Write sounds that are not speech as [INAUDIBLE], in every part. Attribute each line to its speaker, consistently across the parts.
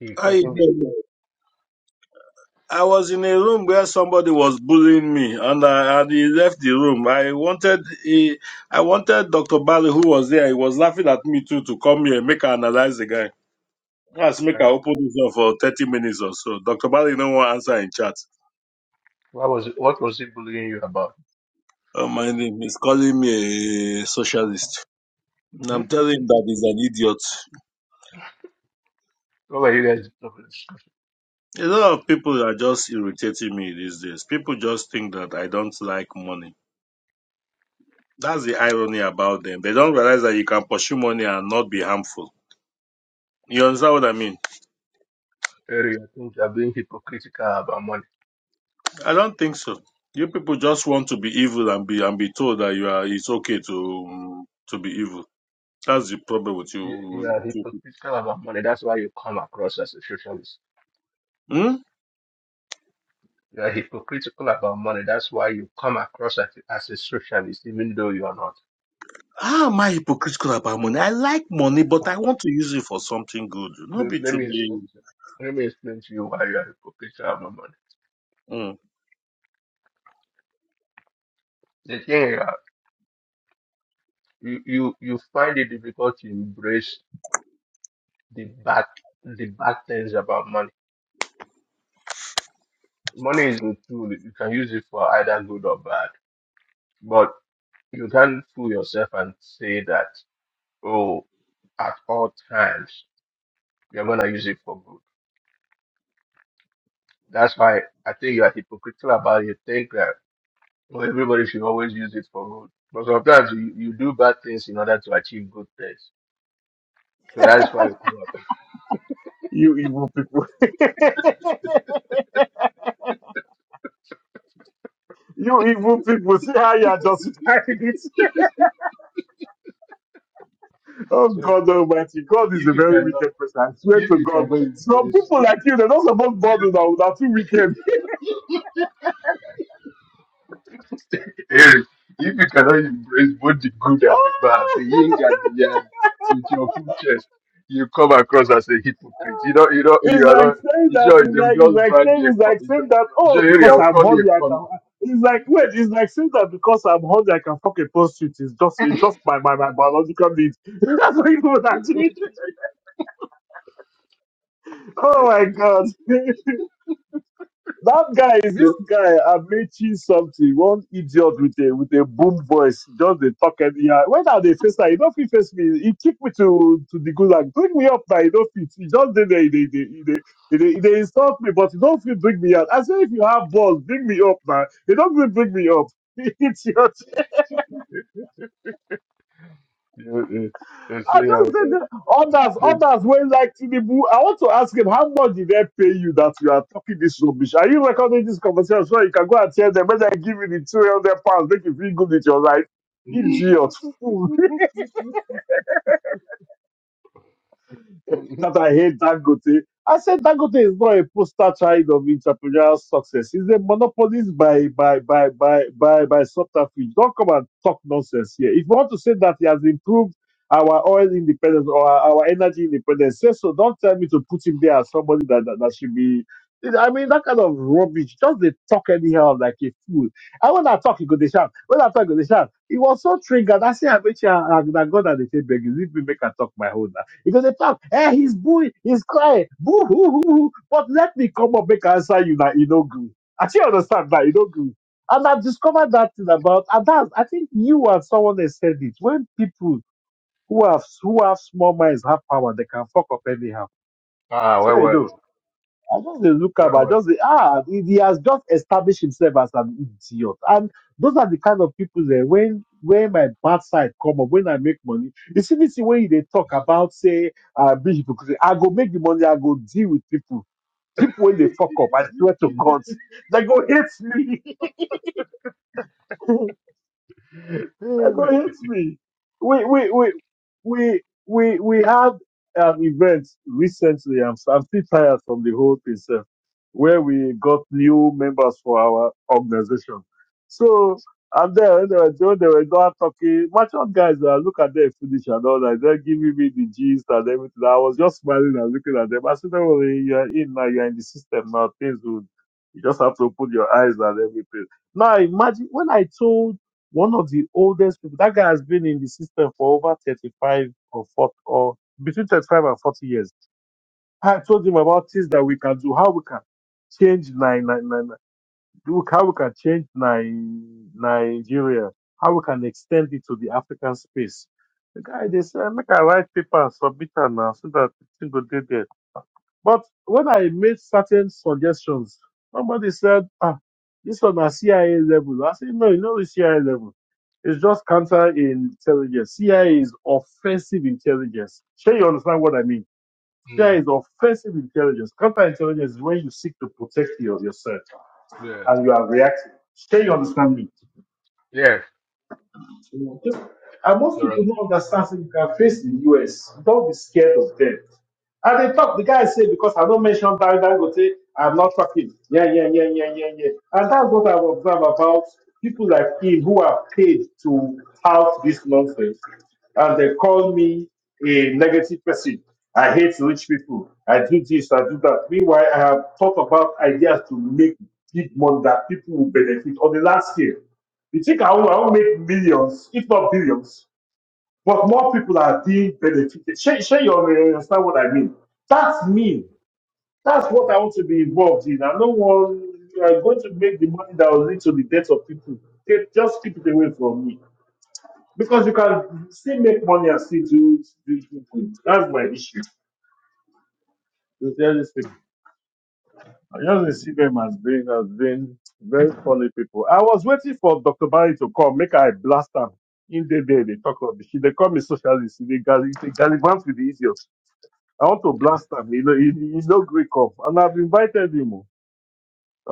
Speaker 1: If
Speaker 2: I
Speaker 1: within the,
Speaker 2: I was in a room where somebody was bullying me, and I and he left the room. I wanted he, I wanted Doctor Barry, who was there, he was laughing at me too, to come here and make her analyze the guy. Let's make her
Speaker 1: uh,
Speaker 2: open this up for thirty minutes or so. Doctor Bali no one answer in chat.
Speaker 1: what was what was he bullying you about?
Speaker 2: Oh, my name is calling me a socialist.
Speaker 1: [CLEARS THROAT]
Speaker 2: And
Speaker 1: what
Speaker 2: I'm telling him that he's an idiot.
Speaker 1: were you guys
Speaker 2: A lot of people are just irritating me these days. People just think that I don't like money. That's the irony about them. They don't realize that you can pursue money and not be harmful. You understand what I mean?
Speaker 1: comparing? I think you are being hypocritical about money.
Speaker 2: I don't think so. You people just want to be evil and be and be told that you are. It's okay to to be evil. That's the problem with you.
Speaker 1: You, you
Speaker 2: With
Speaker 1: are
Speaker 2: you people.
Speaker 1: hypocritical about money. That's why you come across as a socialist.
Speaker 2: Hmm?
Speaker 1: You are hypocritical about money. That's why you come across as, as a socialist, even though you are not.
Speaker 2: How am I hypocritical about money? I like money, but I want to use it for something good. Not
Speaker 1: Let
Speaker 2: be
Speaker 1: let
Speaker 2: too
Speaker 1: me explain
Speaker 2: mean.
Speaker 1: to you. Let me explain to you why you are hypocritical about money.
Speaker 2: Hmm.
Speaker 1: The thing is, that you you you find it difficult to embrace the bad the bad things about money Money is a tool. You can use it for either good or bad. But you can't fool yourself and say that, oh, at all times, you're going to use it for good. That's why I think you are hypocritical about it. Think that oh, everybody should always use it for good. But sometimes you, you do bad things in order to achieve good things. So that's why you come up.
Speaker 2: You evil people. [LAUGHS] You evil people. See how you are justifying it. [LAUGHS]
Speaker 1: [LAUGHS]
Speaker 2: Oh
Speaker 1: so
Speaker 2: God Almighty, God is a
Speaker 1: if you
Speaker 2: very
Speaker 1: cannot,
Speaker 2: wicked person. I swear
Speaker 1: if
Speaker 2: to
Speaker 1: you
Speaker 2: God,
Speaker 1: cannot
Speaker 2: some
Speaker 1: embrace,
Speaker 2: people like you, they're not supposed to bother now. They're too wicked. [LAUGHS]
Speaker 1: Eric, if you cannot embrace both the good and the bad, the yin
Speaker 2: Oh!
Speaker 1: and the yang, with your full chest, you come across as a hypocrite. You
Speaker 2: [LAUGHS]
Speaker 1: don't, you don't, you
Speaker 2: it's
Speaker 1: are
Speaker 2: like
Speaker 1: not,
Speaker 2: saying
Speaker 1: you
Speaker 2: that.
Speaker 1: sure
Speaker 2: It's
Speaker 1: they will
Speaker 2: like it's
Speaker 1: just
Speaker 2: like
Speaker 1: brand
Speaker 2: saying
Speaker 1: you a,
Speaker 2: it's
Speaker 1: co-
Speaker 2: like
Speaker 1: you sure,
Speaker 2: saying that.
Speaker 1: you
Speaker 2: Oh,
Speaker 1: sure Eric,
Speaker 2: because
Speaker 1: I'll
Speaker 2: I'm
Speaker 1: call you
Speaker 2: hungry,
Speaker 1: a
Speaker 2: I
Speaker 1: con.
Speaker 2: can. It's like wait, it's like saying that because I'm hungry, I can fuck a prostitute. It's just it's just my my, my biological need. [LAUGHS] That's what you would
Speaker 1: [LAUGHS]
Speaker 2: actually. Oh my God. [LAUGHS] That guy is
Speaker 1: so,
Speaker 2: this guy Amechi something, one idiot with a with a boom voice, just the talk and yeah. When are they face that? You don't feel face me. He kick me to to the gulag. Bring me up now, you don't fit. He just did they they they they they, they, they insult me, but you don't feel bring me out. I say if you have balls, bring me up now. You don't feel bring me up. [LAUGHS] Idiot.
Speaker 1: you, you, they
Speaker 2: I
Speaker 1: say, uh,
Speaker 2: just said that others, others when like Tinubu. I want to ask him how much did they pay you that you are talking this rubbish? Are you recording this conversation so you can go and tell them when they give you the two hundred pounds, make you feel good with your life? Idiot,
Speaker 1: uh, they-
Speaker 2: that I hate Dangote. I said Dangote is not a poster child of entrepreneurial success. He's a monopolist by by by by by by subterfuge. Don't come and talk nonsense here. If you want to say that he has improved our oil independence or our, our energy independence, say so. Don't tell me to put him there as somebody that, that, that should be. I mean, that kind of rubbish. Just they talk anyhow like a fool. And when I talk, he go they shout. When I talk, he go they shout. It was so triggered. I say, I bet you, I, I, God, and they say, begging. Leave me make I talk my own. Because they talk, hey, he's booing, he's crying, boo hoo hoo hoo. But let me come up make answer you that you don't agree. I still understand that you don't agree. And I've discovered that thing about and that's I think you and someone else said it. When people who have who have small minds have power, they can fuck up anyhow.
Speaker 1: [LAUGHS] ah,
Speaker 2: So
Speaker 1: well,
Speaker 2: you
Speaker 1: well,
Speaker 2: know.
Speaker 1: oh,
Speaker 2: I just dey look am.
Speaker 1: well,
Speaker 2: I
Speaker 1: well. [LAUGHS]
Speaker 2: just dey ah, he, he has just established himself as an idiot, and those are the kind of people there. When when my bad side come up, when I make money, you see this thing when they talk about say uh, be hypocrisy. I go make the money. I go deal with people. People when they fuck up, I swear to God, [LAUGHS] they go hate me. [LAUGHS] That God
Speaker 1: Mm,
Speaker 2: hates me. We we we we we we had an event recently. I'm I'm still tired from the whole thing, sir, where we got new members for our organization. So and then when they were doing, they were not talking. Merchant guys, uh, look at them finish and all that. They're giving me the gist and everything. I was just smiling and looking at them. I said, "Don't worry, you're in now. You're in the system now. Things will. You just have to open your eyes and everything." Now imagine when I told one of the oldest people. That guy has been in the system for over 35 or 40, or between 35 and 40 years. I told him about things that we can do, how we can change nine, nine, nine, nine, look how we can change nine, Nigeria, how we can extend it to the African space. The guy, they said, make a write paper and submit it now so that the thing go dey there. But when I made certain suggestions, somebody said, ah, this on a CIA level. I said, no, you know the CIA level. It's just counterintelligence. CIA is offensive intelligence. Sure, you understand what I mean? CIA is offensive intelligence. Counterintelligence is when you seek to protect your, yourself
Speaker 1: yeah,
Speaker 2: and you are reacting. Sure, you understand me?
Speaker 1: yeah,
Speaker 2: You know, And most
Speaker 1: all
Speaker 2: people
Speaker 1: right.
Speaker 2: don't understand, so you can face the US. Don't be scared of them. And they talk, the guy said, because I don't mention Barry Dangote, I'm not talking. Yeah, yeah, yeah, yeah, yeah, yeah. And that's what I've observed about people like him who are paid to tout this nonsense. And they call me a negative person. I hate rich people. I do this, I do that. Meanwhile, I have thought about ideas to make big money that people will benefit on the last scale. You think I will, I will make millions, if not billions, but more people are being benefited. Share, share your you understand what I mean. That's me.
Speaker 1: Mm,
Speaker 2: That's what I want to be involved in. I don't want you are going to make the money that will lead to the death of people. Take- Just keep it away from me. Because you can still make money and still do do good. That's my issue. I just dey see them as being as being very funny people. I was waiting for Dr. Barry to come, make I blast them. In the day they talk about she they call me socialist, they gall- they gallivant with the idiots. I want to blast him. You know, he, he- he's no Greek up. And I've invited him. oh.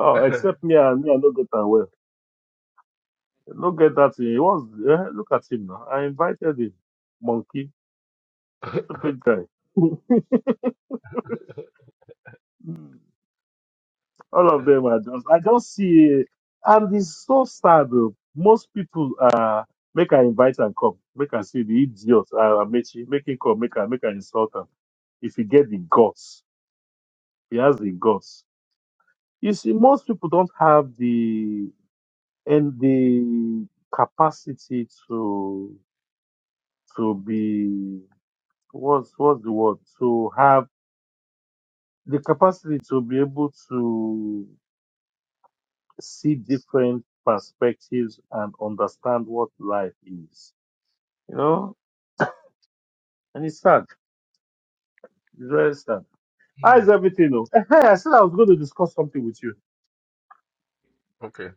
Speaker 1: [LAUGHS] good.
Speaker 2: except me and me, I don't get that well. I don't get that thing. He was eh, look at him now. I invited him. Monkey, stupid guy. [LAUGHS] All of them are just, I just see, and it's so sad. Though. Most people uh, make her invite and come, make her see the idiot, uh, Amechi, make him come, make her, make her insult him. If he get the guts, he has the guts. You see, most people don't have the and the capacity to to be what's what's the word to have the capacity to be able to see different perspectives and understand what life is. You know, and it's sad. It's very sad. How is
Speaker 1: Mm,
Speaker 2: everything? though? Eh, Hey, I said I was going to discuss something with you.
Speaker 1: okay.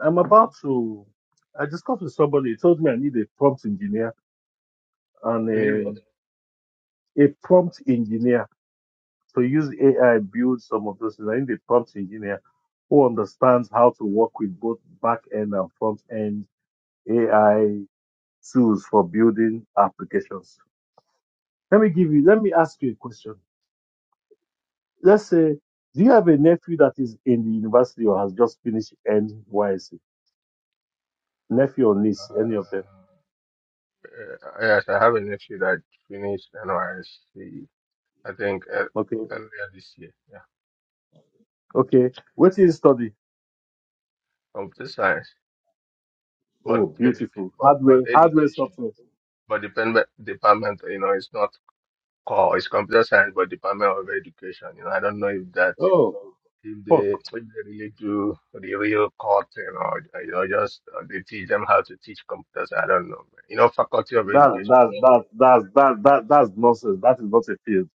Speaker 2: I'm about to. I discussed with somebody. He told me I need an engineer and
Speaker 1: You need
Speaker 2: engineer. I need a prompt engineer who runs both end and front end AI tools for building applications. Let me give you. Let me ask you a question. Let's say do you have a nephew that is in the university NYC? Nephew or
Speaker 1: Uh,
Speaker 2: niece, any of them?
Speaker 1: yes, I have a nephew that finished NYSC, I think ear-
Speaker 2: Okay.
Speaker 1: earlier this year. Yeah,
Speaker 2: Okay. What is study?
Speaker 1: computer science, but
Speaker 2: Oh,
Speaker 1: educa-
Speaker 2: beautiful.
Speaker 1: but but
Speaker 2: Hardware, hardware,
Speaker 1: education,
Speaker 2: software.
Speaker 1: but department department, you know, it's not core. It's computer science, but department of education. You know, I don't know if that
Speaker 2: Oh,
Speaker 1: if
Speaker 2: fuck.
Speaker 1: they if they really do the real core thing or you know just uh, they teach them how to teach computers. I don't know. man. You know, faculty of
Speaker 2: That,
Speaker 1: education.
Speaker 2: that,
Speaker 1: Yeah.
Speaker 2: that, that, that, that, that's nonsense. That is not a field.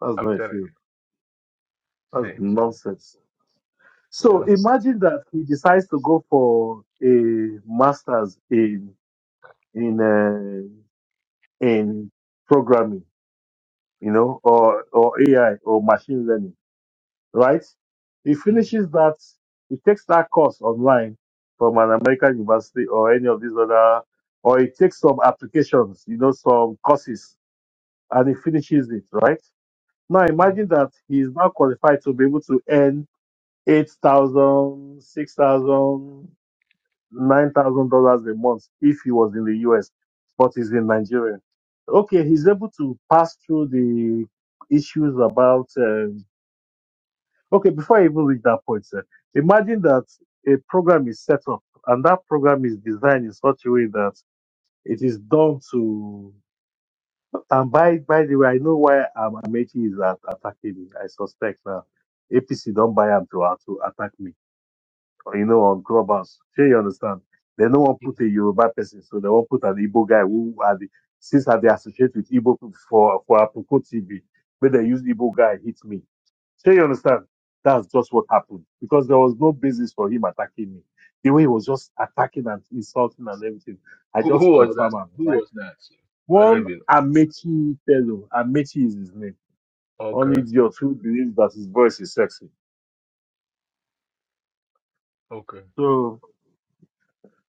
Speaker 2: That's
Speaker 1: I'm
Speaker 2: not a
Speaker 1: telling
Speaker 2: field.
Speaker 1: you.
Speaker 2: That's
Speaker 1: See, see,
Speaker 2: nonsense. So imagine that he decides to go for a master's in, in, uh, in programming, you know, or, or AI or machine learning right? He finishes that, he takes that course online from an American university or any of these other, or he takes some applications, you know, some courses, and he finishes it, right? Now
Speaker 1: you know.
Speaker 2: imagine that he is now qualified to be able to earn eight thousand, six thousand, nine thousand dollars a month if he was in the US, but he's in Nigeria. Okay, he's able to pass through the issues about uh, Okay, before I even reach that point, sir, imagine that a program is set up and that program is designed in such a way that it is done to. And by by the way, I know why um, Amechi is at, attacking me. I suspect now APC don't buy him to, uh, to attack me. Or, you know, on Clubhouse. Sure, you understand? They don't want to put a Yoruba person, so they won't put an Igbo guy who are the, since are they associate with Igbo for for Apoko TV. But they use Igbo guy hit me. So you understand? That's just what happened because there was no basis for him attacking me. The way he was just attacking and insulting and everything, I
Speaker 1: Who, who
Speaker 2: just
Speaker 1: was that?
Speaker 2: confirm am
Speaker 1: Who
Speaker 2: right
Speaker 1: was
Speaker 2: now.
Speaker 1: that? I don't
Speaker 2: One
Speaker 1: even
Speaker 2: Amechi fellow, Amechi is his name,
Speaker 1: know.
Speaker 2: an
Speaker 1: Okay,
Speaker 2: idiot who believes that his voice is sexy.
Speaker 1: okay.
Speaker 2: So,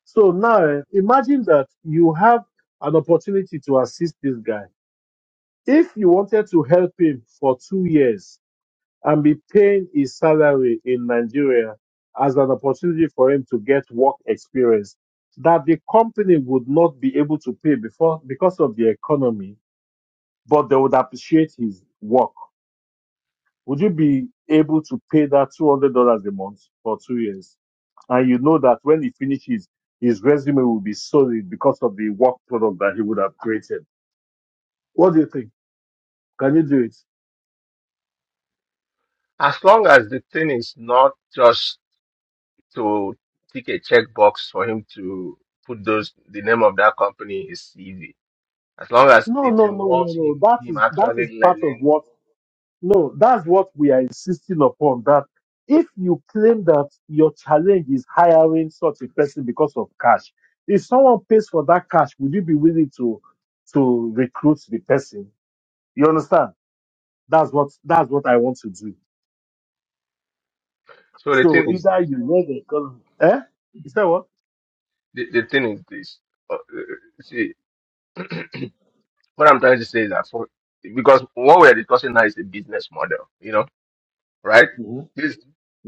Speaker 2: so now eh, imagine that you have an opportunity to assist this guy. If you wanted to help him for two years, and be paying his salary in Nigeria as an opportunity for him to get work experience that the company would not be able to pay before because of the economy, but they would appreciate his work. Would you be able to pay that two hundred dollars a month for two years? And you know that when he finishes, his resume will be solid because of the work product that he would have created. What do you think? Can you do it?
Speaker 1: As long as the thing is not just to tick a checkbox for him to put those the name of that company in his CV. As long as
Speaker 2: No,
Speaker 1: it
Speaker 2: no, no, no,
Speaker 1: involves
Speaker 2: no.
Speaker 1: him
Speaker 2: That
Speaker 1: him
Speaker 2: is that is
Speaker 1: actually
Speaker 2: part of
Speaker 1: learning.
Speaker 2: what No, that's what we are insisting upon. That if you claim that your challenge is hiring such a person because of cash, if someone pays for that cash, would you be willing to to recruit the person? You understand? That's what that's what I want to do.
Speaker 1: So the
Speaker 2: So
Speaker 1: thing is this.
Speaker 2: either you know the economy. Eh? You said what?
Speaker 1: The, the thing is this. Uh, uh, see, what I'm trying to say is that for because what we are discussing now is a business model, you know, right?
Speaker 2: hmm
Speaker 1: This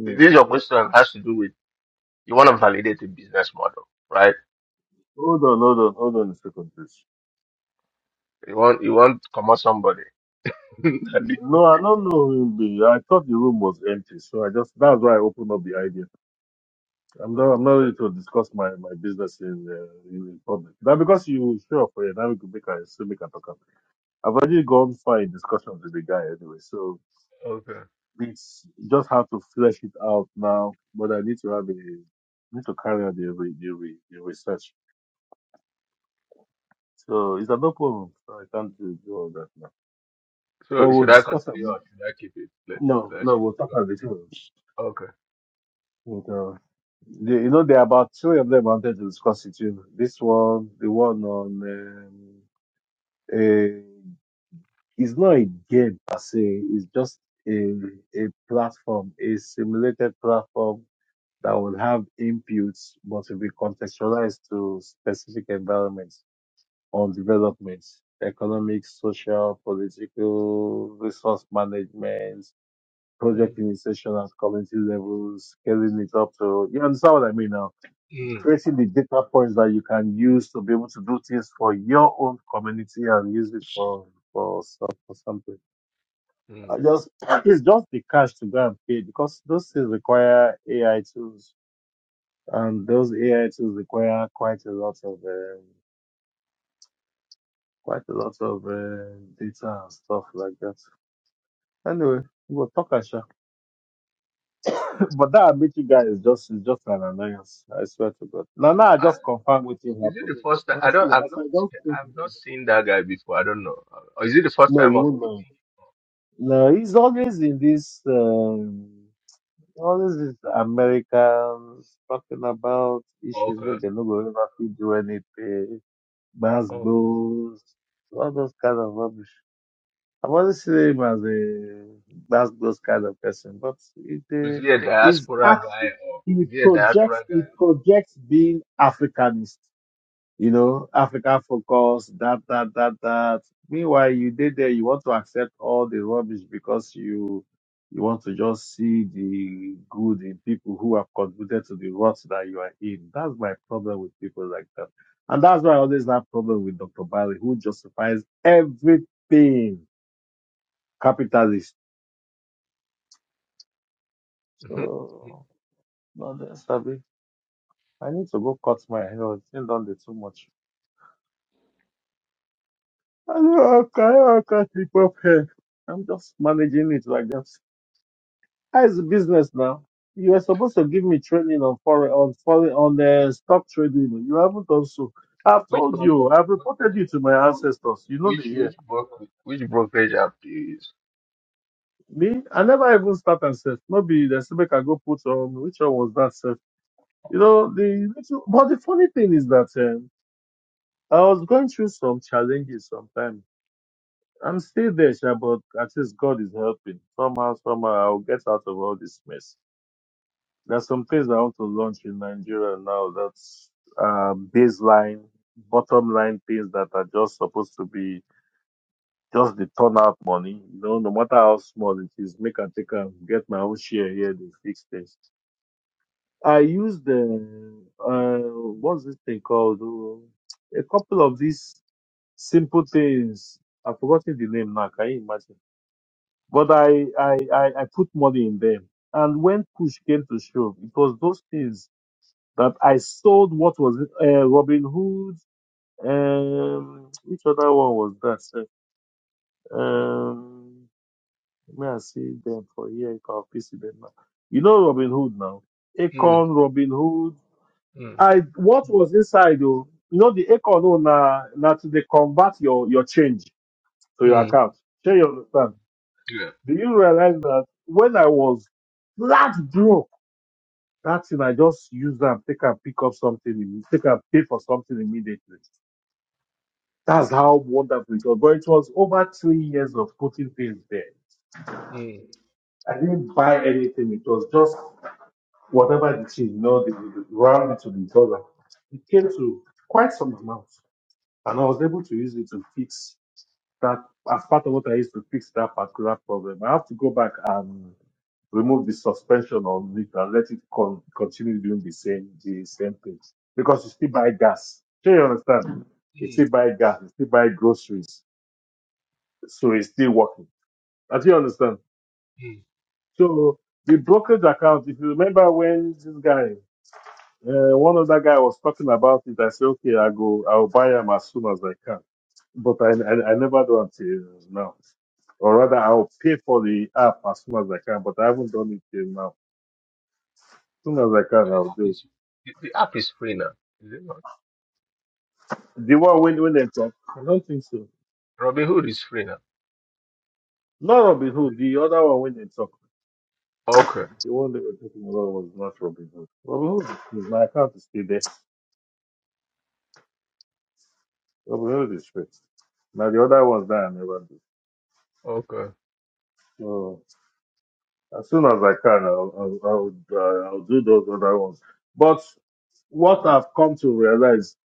Speaker 1: this your question has to do with you want to validate a business model, right?
Speaker 2: Hold on, hold on, hold on a second, please.
Speaker 1: You want you want to come out somebody. [LAUGHS]
Speaker 2: No, I don't know who him I thought the room was empty, so I just that's why I opened up the idea. I'm not. I'm not ready to discuss my, my business in, uh, in in public. Now because you show up for it, now we can make a still make a talk. I've already gone far in discussion with the guy anyway, so
Speaker 1: okay.
Speaker 2: it's just have to flesh it out now. But I need to have a need to carry out the re, the, re, the research. So it's a no problem. So I can't do do all that now. But
Speaker 1: So
Speaker 2: we'll
Speaker 1: should I
Speaker 2: discuss it
Speaker 1: continue or
Speaker 2: more.
Speaker 1: should I keep it? Let,
Speaker 2: No,
Speaker 1: let
Speaker 2: no, we'll talk about it.
Speaker 1: okay.
Speaker 2: But, uh, the, you know, there are about three of them I wanted to discuss with you. know, This one, the one on um, uh, it's not a game per se. It's just a a platform, a simulated platform that will have inputs, but will be contextualized to specific environments on developments, economic, social, political, resource management,
Speaker 1: Mm,
Speaker 2: project initiation at community levels, scaling it up to you understand what I mean now
Speaker 1: mm,
Speaker 2: creating the data points that you can use to be able to do things for your own community and use it for for, some- for something.
Speaker 1: mm.
Speaker 2: I just [CLEARS THROAT] it's just the cash to go and pay because those things require AI tools, and those AI tools require quite a lot of um, quite a lot of uh, data and stuff like that. Anyway. We'll talk Asha. [LAUGHS] But that Amici guy is just is just an annoyance. I swear to God. Now
Speaker 1: I
Speaker 2: now
Speaker 1: don't,
Speaker 2: I
Speaker 1: I,
Speaker 2: just confirm what
Speaker 1: is it
Speaker 2: happened.
Speaker 1: the first time?
Speaker 2: Well, I
Speaker 1: I
Speaker 2: see,
Speaker 1: don't. I've
Speaker 2: as
Speaker 1: not.
Speaker 2: I just think
Speaker 1: I've not seen that guy before. I don't know. Or Is it the first
Speaker 2: no,
Speaker 1: time
Speaker 2: you
Speaker 1: of?
Speaker 2: won't mind. No, he's always in this, um, always this Americans talking about issues
Speaker 1: Okay.
Speaker 2: where they are not going to ever do anything, mass
Speaker 1: Okay.
Speaker 2: goals, all those kind of rubbish. I've always seen him as a mass goals kind of person, but it,
Speaker 1: Is
Speaker 2: uh,
Speaker 1: he a
Speaker 2: he's,
Speaker 1: diaspora
Speaker 2: Af-
Speaker 1: guy or
Speaker 2: he
Speaker 1: is he a diaspora
Speaker 2: projects, he projects being Africanist. You know, Africa focus, that, that, that, that. Meanwhile, you did there, you want to accept all the rubbish because you you want to just see the good in people who have contributed to the rot that you are in. That's my problem with people like that. And that's why I always have problem with Dr. Barry, who justifies everything capitalist.
Speaker 1: guy? [LAUGHS]
Speaker 2: So, no, that's Abi. I need to go cut my hair. It's still done the too much. I know I can't, I can't keep up here. I'm just managing it like that. How's the business now? You were supposed to give me training on foreign on foreign on the stock trading. You haven't done so. I've
Speaker 1: which
Speaker 2: told you.
Speaker 1: platform?
Speaker 2: I've reported you to my ancestors. You know the
Speaker 1: Which which which
Speaker 2: year.
Speaker 1: which brokerage, which brokerage app do you use?
Speaker 2: Me, I never even start and said, maybe the make can go put on which one was that self. You know the. But the funny thing is that um, I was going through some challenges sometimes. I'm still there, sha, but at least God is helping. Somehow, somehow, I'll get out of all this mess. There's some things I want to launch in Nigeria now. That's uh, baseline, bottom line things that are just supposed to be just the turnout money. You know, no matter how small it is, make and take and get my own share here. They fix things. I used the uh, what's this thing called? Oh, A couple of these simple things. I've forgotten the name now. Can you imagine? But I, I, I, I put money in them. And when push came to shove, it was those things that I sold. What was it? Uh, Robin Hood. Um, which other one was that? sef? Um, may I see them for here? I'll piece them now. You know Robin Hood now.
Speaker 1: Mm,
Speaker 2: Acorn, Robin Hood.
Speaker 1: mm,
Speaker 2: I what was inside though? You know the acorn. Oh, na na to dey convert your your change to your
Speaker 1: mm.
Speaker 2: account. Share your understand.
Speaker 1: Yeah.
Speaker 2: Do you realize that when I was flat broke, that thing I just used and take and pick up something, imme- take and pay for something immediately. That's how wonderful it was. But it was over three years of putting things there. I didn't buy anything. It was just whatever the thing, you know, the, the, round it to the dollar. It came to quite some amount, and I was able to use it to fix that as part of what I used to fix that particular problem, I have to go back and remove the suspension on it and let it con- continue doing the same the same thing because you still buy gas. Do you understand? You
Speaker 1: Mm.
Speaker 2: still buy gas. You still buy groceries, so it's still working. Do you understand?
Speaker 1: Mm.
Speaker 2: So the brokerage account. If you remember when this guy, uh, one other guy was talking about it, I said, okay, I go, I'll buy them as soon as I can. But I, I, I never do until now. Or rather, I'll pay for the app as soon as I can, but I haven't done it till now. As soon as I
Speaker 1: So
Speaker 2: can,
Speaker 1: The
Speaker 2: I'll
Speaker 1: app
Speaker 2: do it.
Speaker 1: is the the app is free now, is it not?
Speaker 2: The one when, when they talk? I don't think so.
Speaker 1: Robinhood is free now.
Speaker 2: Not Robin Hood. The other one when they talk.
Speaker 1: Okay,
Speaker 2: The one they were talking about was not Robin Hood. Robin Hood is free. My account is still there. Robin Hood is free. Now the other ones that I never do.
Speaker 1: okay.
Speaker 2: So as soon as I can, I'll I'll I'll, uh, I'll do those other ones. But what I've come to realize,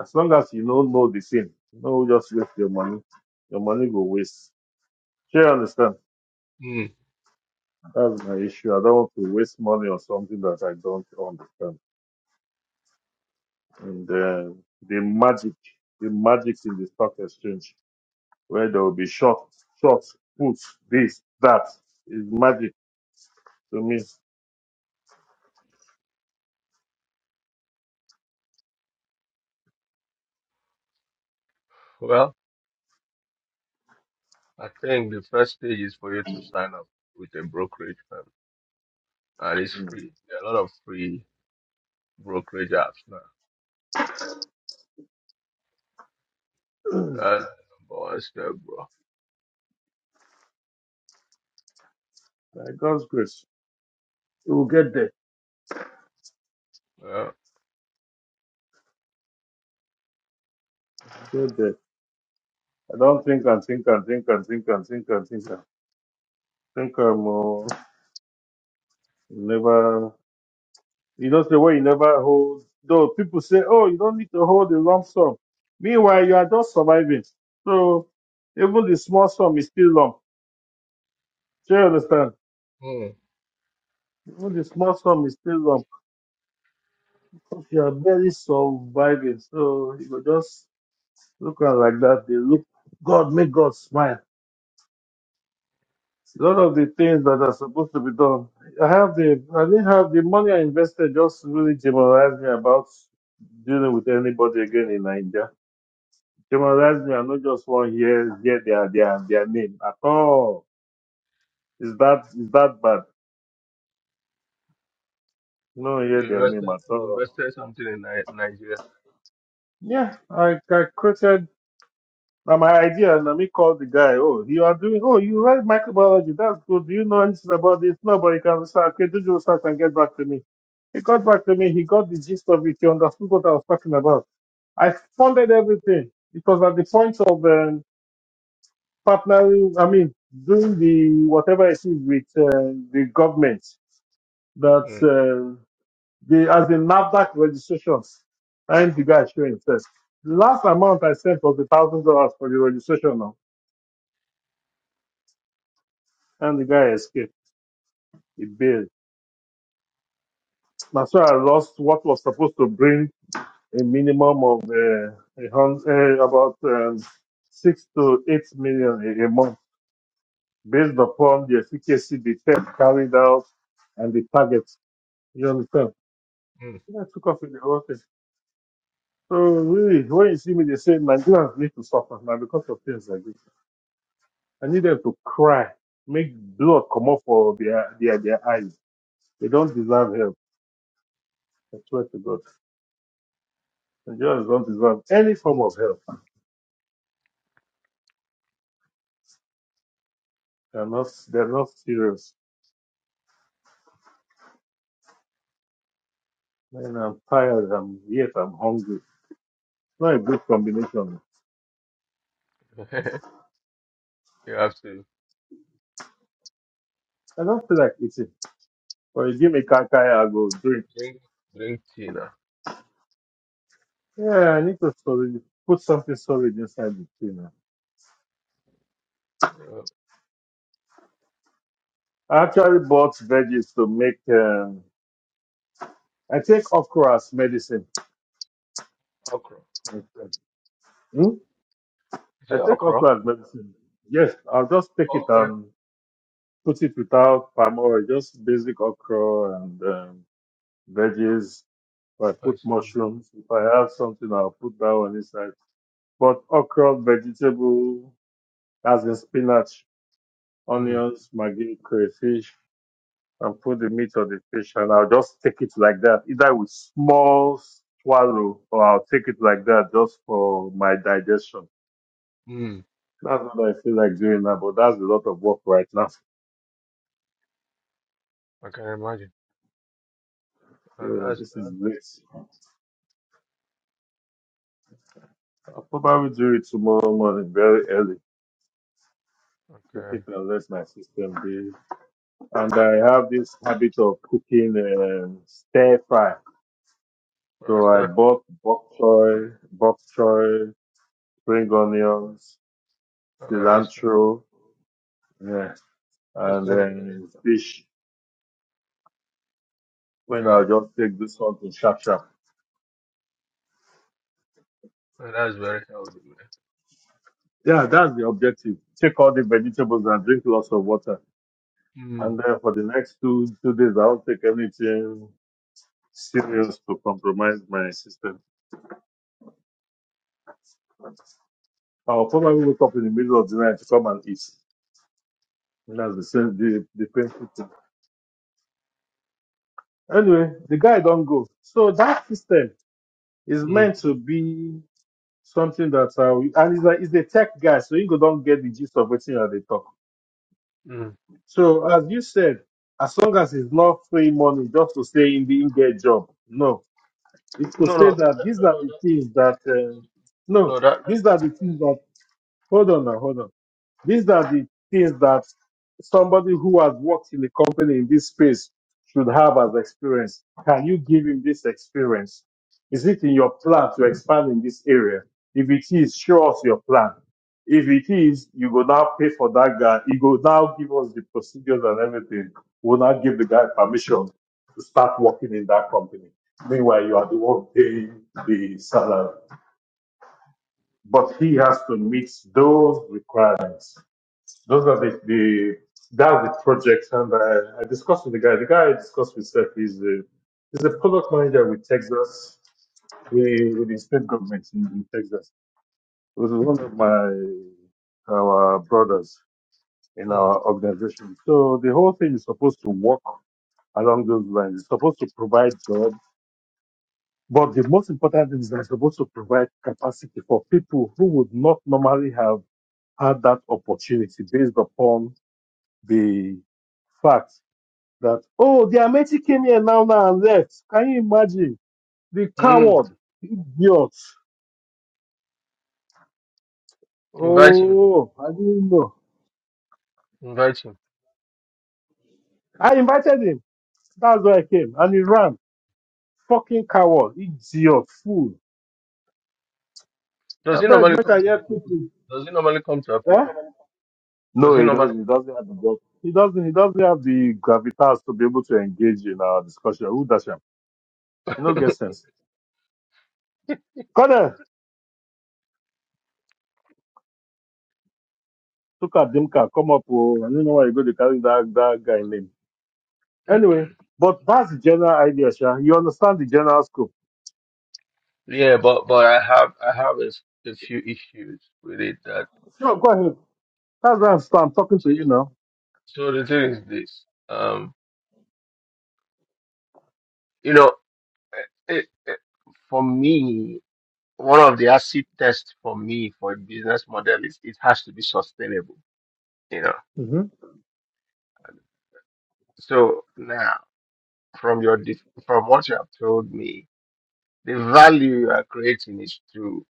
Speaker 2: as long as you don't know the thing, don't just waste your money. Your money go waste. Yeah, I understand.
Speaker 1: Mm.
Speaker 2: That's my issue. I don't want to waste money on something that I don't understand. And uh, the magic, the magic in the stock exchange, where there will be short, short, puts, this, that, is magic to me.
Speaker 1: Well, I think the first stage is for you to sign up with a brokerage firm, and it's
Speaker 2: Mm.
Speaker 1: free. There are a lot of free brokerage apps now. That's the number one step, bro.
Speaker 2: By God's grace, we will get there.
Speaker 1: Yeah.
Speaker 2: Get there. I don't think and think and think and think and think and think. and think I'm uh, never. You don't say, well, you never hold. Though people say, oh, you don't need to hold a lump sum. Meanwhile, you are just surviving. So even the small sum is still lump. Do you understand?
Speaker 1: Mm.
Speaker 2: Even the small sum is still lump. If you are barely surviving, so you go just look at like that. They look, God, make God smile. A lot of the things that are supposed to be done. I have the, I didn't have the money I invested just really demoralized me about dealing with anybody again in Nigeria They demoralize me. I not just one to hear hear their their their name at all. Is that is that bad? No, hear
Speaker 1: You
Speaker 2: their
Speaker 1: invested,
Speaker 2: name at
Speaker 1: you
Speaker 2: all.
Speaker 1: invested something in Ni- Nigeria.
Speaker 2: Yeah, I I quoted now my idea and me called the guy. Oh, you are doing. Oh, you write microbiology. That's good. Do you know anything about this? No, but you can research. Okay, do your research and get back to me. He got back to me. He got the gist of it. He understood what I was talking about. I funded everything because at the point of um, partnering, I mean, doing the whatever it is with uh, the government, that
Speaker 1: Hmm.
Speaker 2: uh, the as in Nasdaq registrations, and the guy showing first. The last amount I sent was a thousand dollars for the registration now, and the guy escaped. He bailed. That's why I lost what was supposed to bring a minimum of uh, a hundred, uh, about um, six to eight million a, a month, based upon the efficacy the test carried out and the target. You understand?
Speaker 1: Mm.
Speaker 2: Yeah, I took off with the whole thing. So really, when you see me, they say Nigerians need to suffer now because of things like this. I need them to cry, make blood come up for their their their eyes. They don't deserve help. I swear to God, Nigerians don't deserve any form of help. They're not they're not serious. And I'm tired. I'm yet I'm hungry. Not a good combination.
Speaker 1: Mm. [LAUGHS] you have to
Speaker 2: I don't feel like eating. But you give me kakaya, I go drink.
Speaker 1: drink, drink tea now.
Speaker 2: Yeah, I need to storage, put something solid inside the thing.
Speaker 1: Mm. Yeah.
Speaker 2: I actually bought veggies to make. um, I take okra as medicine.
Speaker 1: Okra.
Speaker 2: Hmm?
Speaker 1: Is it
Speaker 2: I take
Speaker 1: okra?
Speaker 2: okra as medicine. Yes, I'll just take it
Speaker 1: Okay.
Speaker 2: and put it without palm oil, just basic okra and um, veggies. If I
Speaker 1: I
Speaker 2: put
Speaker 1: see.
Speaker 2: mushrooms, if I have something, I'll put that one inside. But okra, vegetable, as in spinach,
Speaker 1: Mm,
Speaker 2: onions, maggi, crayfish, and put the meat or the fish, and I'll just take it like that, either with small swallow, or I'll take it like that just for my digestion.
Speaker 1: mm,
Speaker 2: That's what I feel like doing now, but that's a lot of work right now.
Speaker 1: Okay, I can imagine. Uh,
Speaker 2: So
Speaker 1: that's
Speaker 2: this is late. I'll probably do it tomorrow morning, very early. Take
Speaker 1: okay.
Speaker 2: it unless my system be. And I have this habit of cooking um, stir fry.
Speaker 1: Well, it's
Speaker 2: So I
Speaker 1: def-
Speaker 2: bought bok choy, bok choy, spring onions,
Speaker 1: uh, that's
Speaker 2: cilantro, yeah,
Speaker 1: that's
Speaker 2: and
Speaker 1: definitely-
Speaker 2: then fish. When
Speaker 1: yeah.
Speaker 2: I'll
Speaker 1: uh,
Speaker 2: just take this one to sharp sharp.
Speaker 1: That's very healthy,
Speaker 2: Yeah, that's the objective. Take all the vegetables and drink lots of water.
Speaker 1: man.
Speaker 2: And uh, for the next two two days, I'll not take anything serious to compromise my system. I'll probably wake up in the middle of the night to come and eat. And That's the same, the, the painful thing. Anyway, the guy don't go. So that system is
Speaker 1: Mm, mm,
Speaker 2: meant to be something that, uh, we- and he's a, he's a tech guy, so you go don't get the gist of everything that they talk.
Speaker 1: mm.
Speaker 2: So as you said, as long as it's not free money, just to say in the in get job, no. It could
Speaker 1: No, no,
Speaker 2: say
Speaker 1: no,
Speaker 2: that these are the things that, uh, no,
Speaker 1: no. That, no, that, that
Speaker 2: these are the things that, hold on now, hold on. These are the things that somebody who has worked in a company in this space should have as experience. Can you give him this experience? Is it in your plan to expand in this area? If it is, show us your plan. If it is, you go now pay for that guy. You go now give us the procedures and everything. We'll now give the guy permission to start working in that company. Meanwhile, you are the one paying the salary. But he has to meet those requirements. Those are the, the that's the projects, and I, I discussed with the guy. The guy I discussed with Seth is a is a product manager with Texas, with, with the state government in, in Texas. He was one of my our brothers in
Speaker 1: mm,
Speaker 2: our organization. So the whole thing is supposed to work along those lines. It's supposed to provide jobs. But the most important thing is that it's supposed to provide capacity for people who would not normally have had that opportunity based upon the facts that, oh, the Ameti came here now, now and left. Can you imagine? The
Speaker 1: mm.
Speaker 2: coward, idiot.
Speaker 1: Invite him.
Speaker 2: Oh, I didn't know.
Speaker 1: Invite him.
Speaker 2: I invited him. That's why I came. And he ran. Fucking coward, idiot, fool.
Speaker 1: Does
Speaker 2: I
Speaker 1: he
Speaker 2: beg,
Speaker 1: normally
Speaker 2: make I
Speaker 1: come to
Speaker 2: hear
Speaker 1: Aproko?
Speaker 2: quickly.
Speaker 1: Does he normally come to
Speaker 2: Eh?
Speaker 1: Aproko? Does
Speaker 2: No,
Speaker 1: he
Speaker 2: he
Speaker 1: normally?
Speaker 2: doesn't. He doesn't have the guts. He doesn't. He doesn't have the gravitas to be able to engage in our discussion. Who does him? You know,
Speaker 1: [LAUGHS]
Speaker 2: get sense. Come Corner, look at Dimka. Come up. Oh, I don't know why you go to carry that, that guy name. Anyway, but that's the general idea, Sha. You understand the general scope.
Speaker 1: Yeah, but but I have I have a, s- a few issues with it. That
Speaker 2: Sure, go ahead. That's where I'm, sta- I'm talking to
Speaker 1: so,
Speaker 2: you now.
Speaker 1: so the thing is this. Um, You know. it, it- for me, one of the acid tests for me for a business model is it has to be sustainable, you know.
Speaker 2: hmm
Speaker 1: So now, from your def- from what you have told me, the value you are creating is to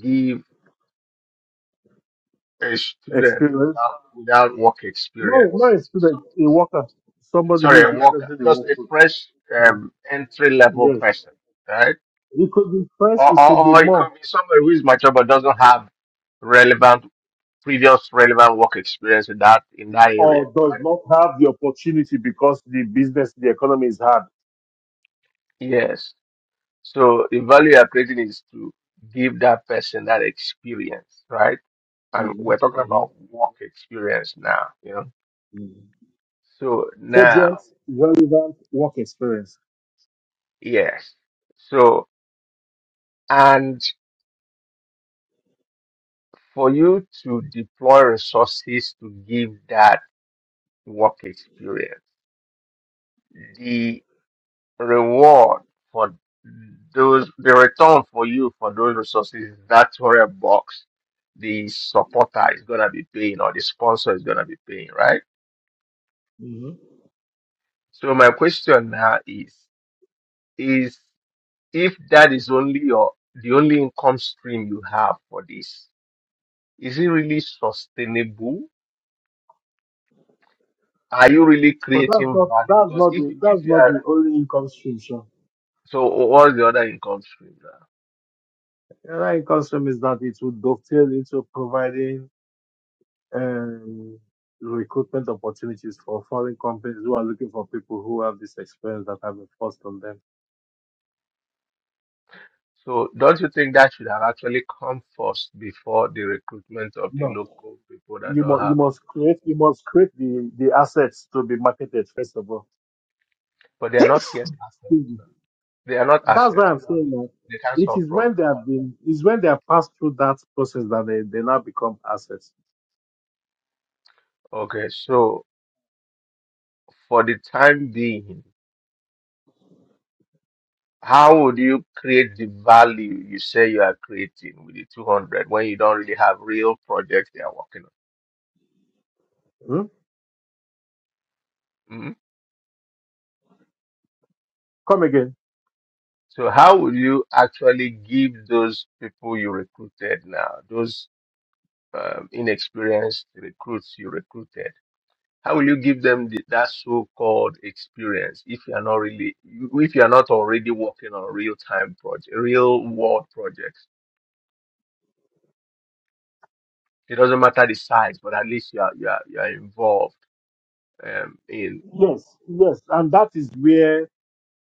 Speaker 1: give a student
Speaker 2: Experience.
Speaker 1: without without work
Speaker 2: No, no
Speaker 1: experience, so,
Speaker 2: experience. A worker, somebody
Speaker 1: sorry,
Speaker 2: who's
Speaker 1: a
Speaker 2: just
Speaker 1: work
Speaker 2: entering the
Speaker 1: just a
Speaker 2: workforce.
Speaker 1: fresh
Speaker 2: Mm.
Speaker 1: um, entry level
Speaker 2: Yes.
Speaker 1: person, right?
Speaker 2: It could be fresh.
Speaker 1: Or,
Speaker 2: It
Speaker 1: or,
Speaker 2: could be
Speaker 1: or it
Speaker 2: more.
Speaker 1: could be somebody who is mature but doesn't have relevant previous relevant work experience in that in that area,
Speaker 2: or does
Speaker 1: right?
Speaker 2: not have the opportunity because the business, the economy is hard.
Speaker 1: Yes. So the value you're creating is to give that person that experience, right? And
Speaker 2: hmm
Speaker 1: we're talking
Speaker 2: hmm
Speaker 1: about work experience now, you know.
Speaker 2: hmm
Speaker 1: So
Speaker 2: Cogent,
Speaker 1: now,
Speaker 2: relevant work experience.
Speaker 1: yes. So and for you to deploy resources to give that work experience, reward for those the return for you for those resources is that where box the supporter is gonna be paying or the sponsor is gonna be paying, right?
Speaker 2: hmm
Speaker 1: So my question now is is if that is only your the only income stream you have for this, is it really sustainable? Are you really
Speaker 2: But that's
Speaker 1: creating
Speaker 2: not
Speaker 1: value?
Speaker 2: that's
Speaker 1: Because
Speaker 2: not
Speaker 1: if
Speaker 2: the
Speaker 1: if
Speaker 2: that's
Speaker 1: you
Speaker 2: not
Speaker 1: are
Speaker 2: the only income stream. Sure.
Speaker 1: so what's the other income stream now?
Speaker 2: Another income stream is that it will dovetail into providing um, recruitment opportunities for foreign companies who are looking for people who have this experience that have been forced on them.
Speaker 1: So don't you think that should have actually come first before the recruitment of the
Speaker 2: No,
Speaker 1: local people that
Speaker 2: you
Speaker 1: don't
Speaker 2: must you
Speaker 1: have it?
Speaker 2: must create you must create the the assets to be marketed first of all.
Speaker 1: But they are not yet assets. now. They are not
Speaker 2: That's why
Speaker 1: assets.
Speaker 2: I'm
Speaker 1: okay?
Speaker 2: saying that
Speaker 1: They can't
Speaker 2: it
Speaker 1: solve
Speaker 2: is when
Speaker 1: problems.
Speaker 2: they have been, it's when they have passed through that process that they, they now become assets.
Speaker 1: Okay, so for the time being, how would you create the value you say you are creating with the 200 when you don't really have real projects they are working
Speaker 2: Hmm?
Speaker 1: on? Mhm.
Speaker 2: Come again.
Speaker 1: So how would you actually give those people you recruited now, those um, inexperienced recruits you recruited? How will you give them the, that so-called experience if you are not really, if you are not already working on real-time project, real-world projects? It doesn't matter the size, but at least you are you are, you are involved um, in.
Speaker 2: Yes, yes. And that is where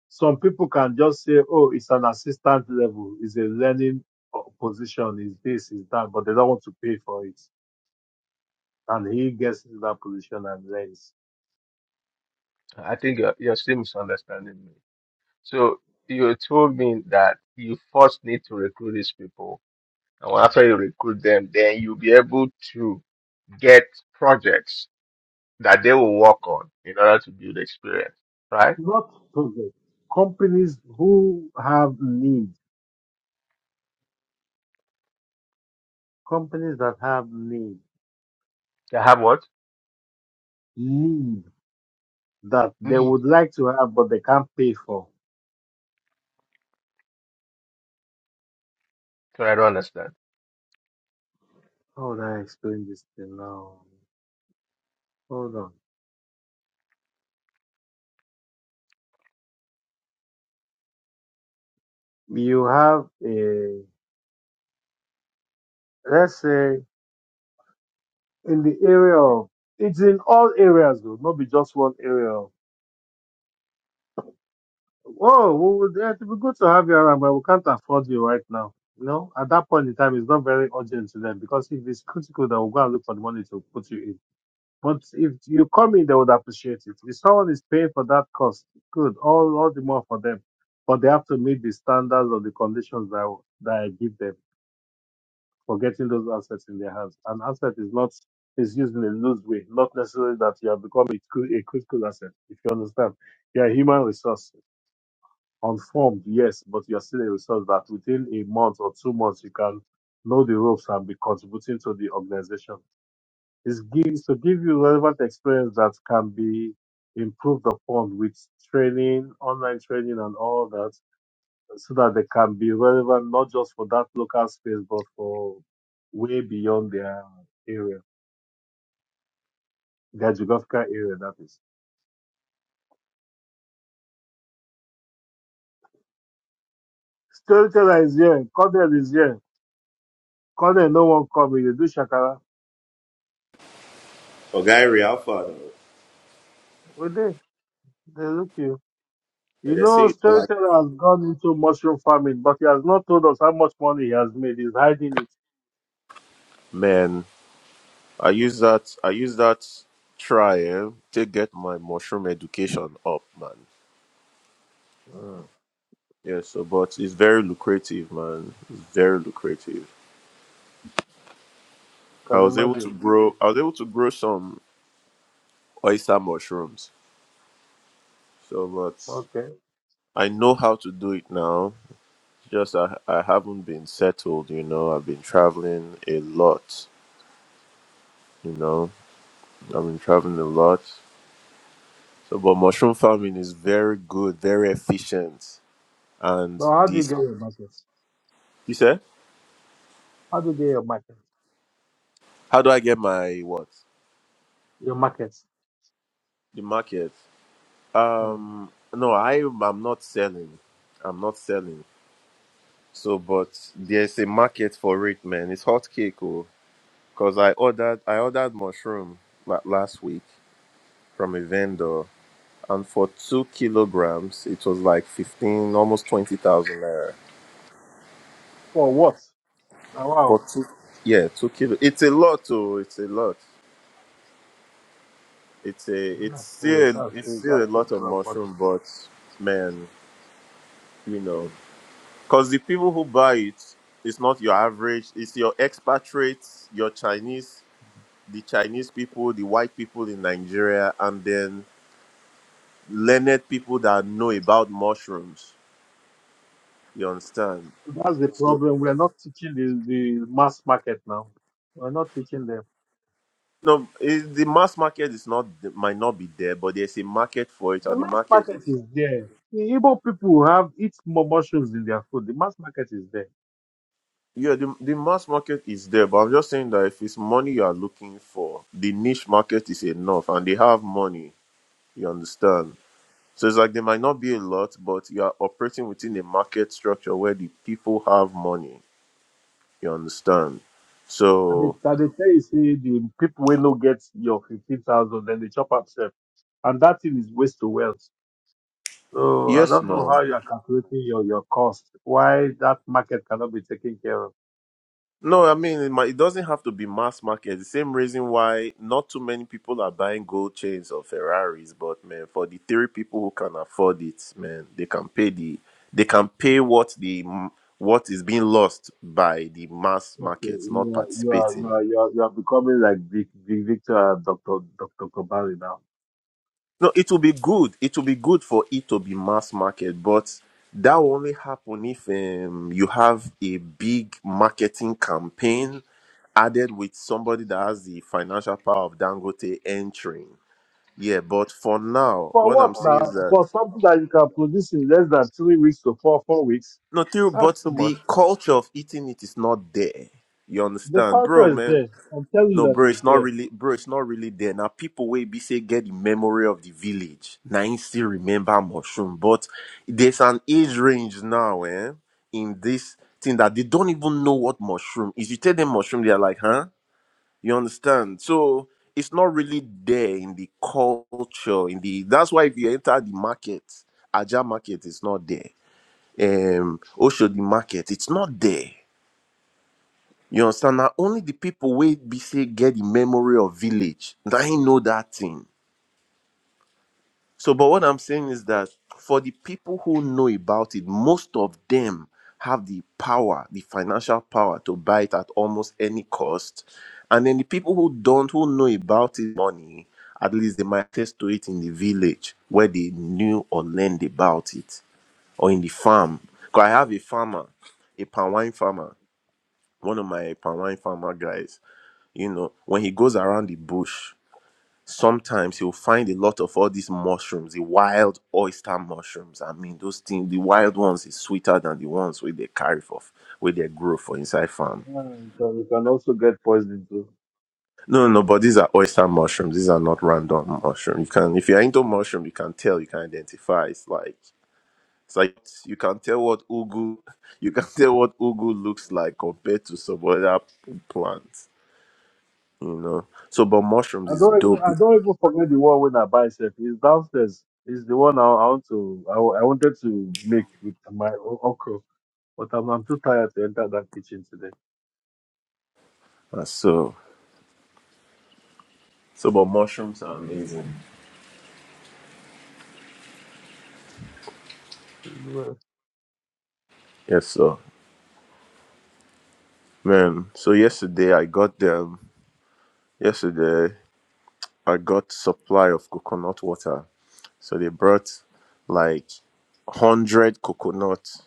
Speaker 2: some people can just say, oh, it's an assistant level, it's a learning po- position, is this, is that, but they don't want to pay for it. And he gets into that position and learns.
Speaker 1: I think you're, you're still misunderstanding me. So you told me that you first need to recruit these people, and after you recruit them, then you'll be able to get projects that they will work on in order to build experience, right?
Speaker 2: Not project. Companies who have need, companies that have need,
Speaker 1: They have what?
Speaker 2: need. that they
Speaker 1: need?
Speaker 2: would like to have, but they can't pay for.
Speaker 1: So I don't understand.
Speaker 2: How would I explain this thing now? Hold on. You have a, let's say, in the area of, it's in all areas, though, not be just one area. of, Oh, we would, eh, it would be good to have you around, but we can't afford you right now. You know, at that point in time, it's not very urgent to them because if it's critical, they will go and look for the money to put you in. But if you come in, they would appreciate it. If someone is paying for that cost, good, all, all the more for them. But they have to meet the standards or the conditions that, I- that I give them for getting those assets in their hands. An asset is not is used in a loose way, not necessarily that you have become a, cri- a critical asset, if you understand. You're a human resource, unformed, yes, but you're still a resource that within a month or two months you can know the ropes and be contributing to the organization is, give, is to give you relevant experience that can be improved upon with training, online training, and all that, so that they can be relevant not just for that local space, but for way beyond their area, their geographical area, that is. Storyteller is here, Cornell is here. Cornell, no one coming. They do Shakara.
Speaker 3: Oh, Gary, how far though?
Speaker 2: We they? They look you.
Speaker 3: Yeah,
Speaker 2: You
Speaker 3: they say
Speaker 2: know,
Speaker 3: you don't like.
Speaker 2: Storyteller has gone into mushroom farming, but he has not told us how much money he has made. He's hiding it.
Speaker 3: Man, I use that I use that try eh, to get my mushroom education up, man.
Speaker 2: Mm.
Speaker 3: Yeah, so but it's very lucrative, man. It's very lucrative. I
Speaker 2: Can you
Speaker 3: was able
Speaker 2: imagine?
Speaker 3: to grow I was able to grow some oyster mushrooms. So but
Speaker 2: Okay.
Speaker 3: I know how to do it now. Just I I haven't been settled, you know. I've been traveling a lot, you know. I've been traveling a lot. So, but mushroom farming is very good, very efficient, and
Speaker 2: But how do you get
Speaker 3: this
Speaker 2: your markets?
Speaker 3: you said,
Speaker 2: How do you get your markets?
Speaker 3: how do I get my what
Speaker 2: Your markets.
Speaker 3: the market?
Speaker 2: Hmm.
Speaker 3: Um, no, I I'm not selling, I'm not selling. So, but there's a market for it, man. It's hot cake, oh, because I ordered I ordered mushroom la- last week from a vendor, and for two kilograms, it was like fifteen, almost twenty thousand naira
Speaker 2: For what? Now,
Speaker 3: for
Speaker 2: wow.
Speaker 3: two. Yeah, two kilo. It's a lot, oh, it's a lot. It's a it's
Speaker 2: That's uh,
Speaker 3: still
Speaker 2: that's
Speaker 3: it's
Speaker 2: the
Speaker 3: still a
Speaker 2: that's the
Speaker 3: lot of
Speaker 2: problem.
Speaker 3: mushroom,
Speaker 2: But
Speaker 3: but man, you know, because the people who buy it, it's not your average. It's your expatriates, your Chinese, the Chinese people, the white people in Nigeria, and then learned people that know about mushrooms. You understand?
Speaker 2: That's the
Speaker 3: So
Speaker 2: problem. We're not teaching the, the mass market now. We're not teaching them.
Speaker 3: no, it, the mass market is not might not be there, but there's a market for it,
Speaker 2: The
Speaker 3: and the
Speaker 2: mass
Speaker 3: market
Speaker 2: market
Speaker 3: is
Speaker 2: is there. The Igbo people have eat more mushrooms in their food. The mass market is there.
Speaker 3: Yeah, the, the mass market is there, but I'm just saying that if it's money you are looking for, the niche market is enough and they have money. You understand? So it's like they might not be a lot, but you are operating within a market structure where the people have money. You understand?
Speaker 2: And
Speaker 3: So,
Speaker 2: they, and they tell you say the people will not get your fifteen thousand, then they chop up self. And that thing is waste to wealth. So I
Speaker 3: yes,
Speaker 2: don't know
Speaker 3: no.
Speaker 2: how you are calculating your, your cost. Why that market cannot be taken care of?
Speaker 3: No, I mean it, might, it doesn't have to be mass market. The same reason why not too many people are buying gold chains or Ferraris, but man, for the three people who can afford it, man, they can pay the they can pay what the m- what is being lost by the mass
Speaker 2: Okay,
Speaker 3: market not
Speaker 2: you are you are you
Speaker 3: participating.
Speaker 2: are, you are, you are becoming like Vic, Vic Victor and Doctor Doctor Kobari now.
Speaker 3: No, it will be good. It will be good for it to be mass market, but that will only happen if um, you have a big marketing campaign added with somebody that has the financial power of Dangote entering. Yeah, but for now,
Speaker 2: For
Speaker 3: what
Speaker 2: what
Speaker 3: I'm saying is
Speaker 2: now?
Speaker 3: that
Speaker 2: For something that you can produce in less than three weeks to four four weeks?
Speaker 3: no, true,
Speaker 2: That's
Speaker 3: but
Speaker 2: too
Speaker 3: the
Speaker 2: much.
Speaker 3: culture of eating it is not there. You
Speaker 2: The
Speaker 3: understand,
Speaker 2: culture
Speaker 3: bro,
Speaker 2: is
Speaker 3: man?
Speaker 2: there. I'm telling you
Speaker 3: No,
Speaker 2: that
Speaker 3: bro,
Speaker 2: it's
Speaker 3: it's not
Speaker 2: there.
Speaker 3: really, bro, it's not really there. Now, people will be say get the memory of the village. Now, you still remember mushroom, but there's an age range now, eh? In this thing that they don't even know what mushroom is. You tell them mushroom, they're like, huh? You understand? So it's not really there in the culture. In the that's why if you enter the market, Ajah market is not there. Um Oshodi market, it's not there. You understand? Now only the people where be say get the memory of village. Now he know that thing. So, but what I'm saying is that for the people who know about it, most of them have the power, the financial power to buy it at almost any cost. And then the people who don't, who know about it, money, at least they might test to it in the village where they knew or learned about it or in the farm. Because I have a farmer, a palm wine farmer, one of my palm wine farmer guys, you know, when he goes around the bush, sometimes you'll find a lot of all these mushrooms, the wild oyster mushrooms. I mean, those things, the wild ones is sweeter than the ones where they carry for, where they grow for inside farm.
Speaker 2: And you can you can also get poisoned too.
Speaker 3: No, no, no, but these are oyster mushrooms. These are not random mushroom. You can, if you're into mushroom, you can tell, you can identify. It's like, it's like you can tell what ugu, [LAUGHS] you can tell what ugu looks like compared to some other plants. You know, so but mushrooms
Speaker 2: I
Speaker 3: is
Speaker 2: don't even
Speaker 3: dope.
Speaker 2: I
Speaker 3: Uh,
Speaker 2: don't even forget the one when I buy self. It's downstairs. It's the one I, I want to I, wa- I wanted to make with my o- okra, but I'm, I'm too tired to enter that kitchen today.
Speaker 3: So, so but mushrooms are amazing.
Speaker 2: Well,
Speaker 3: Yes, sir. Man, so yesterday I got them. Yesterday I got supply of coconut water. So they brought like hundred coconuts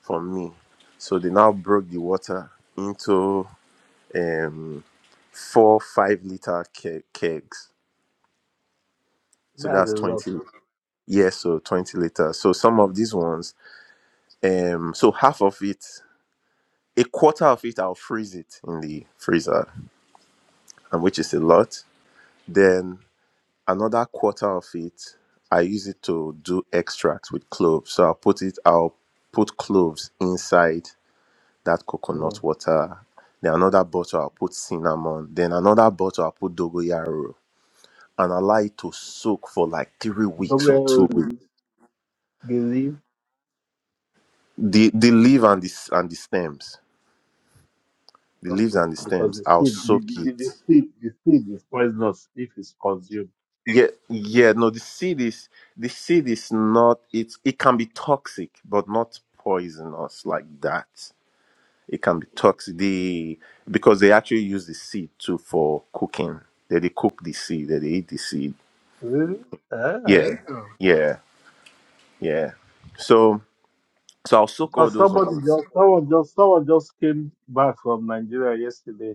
Speaker 3: for me. So they now broke the water into um four five liter ke- kegs. So
Speaker 2: That's a
Speaker 3: that's
Speaker 2: lot.
Speaker 3: twenty.
Speaker 2: Also.
Speaker 3: Yes, so twenty liters. So some of these ones, um, so half of it, a quarter of it, I'll freeze it in the freezer, and which is a lot. Then Another quarter of it, I use it to do extract with cloves. So I'll put it, I'll put cloves inside that coconut
Speaker 2: Mm.
Speaker 3: water. Then another bottle, I'll put cinnamon. Then another bottle, I'll put dogoyaro and allow it to soak for like three weeks or two
Speaker 2: Don't
Speaker 3: weeks.
Speaker 2: they leave?
Speaker 3: The the leaf and the s- and the stems, the leaves
Speaker 2: Okay,
Speaker 3: and the
Speaker 2: because
Speaker 3: stems,
Speaker 2: the
Speaker 3: I'll
Speaker 2: seed the,
Speaker 3: soak
Speaker 2: the,
Speaker 3: it.
Speaker 2: the seed the seed is poisonous if it's consumed.
Speaker 3: Yeah, yeah. No, the seed is the seed is not. It it can be toxic, but not poisonous like that. It can be toxic. The because they actually use the seed too for cooking. They they cook the seed. They they eat the seed.
Speaker 2: Really? Uh, I
Speaker 3: Yeah,
Speaker 2: didn't know.
Speaker 3: yeah, yeah. So so I'll soak all
Speaker 2: Because
Speaker 3: those
Speaker 2: somebody
Speaker 3: ones.
Speaker 2: just someone just someone just came back from Nigeria yesterday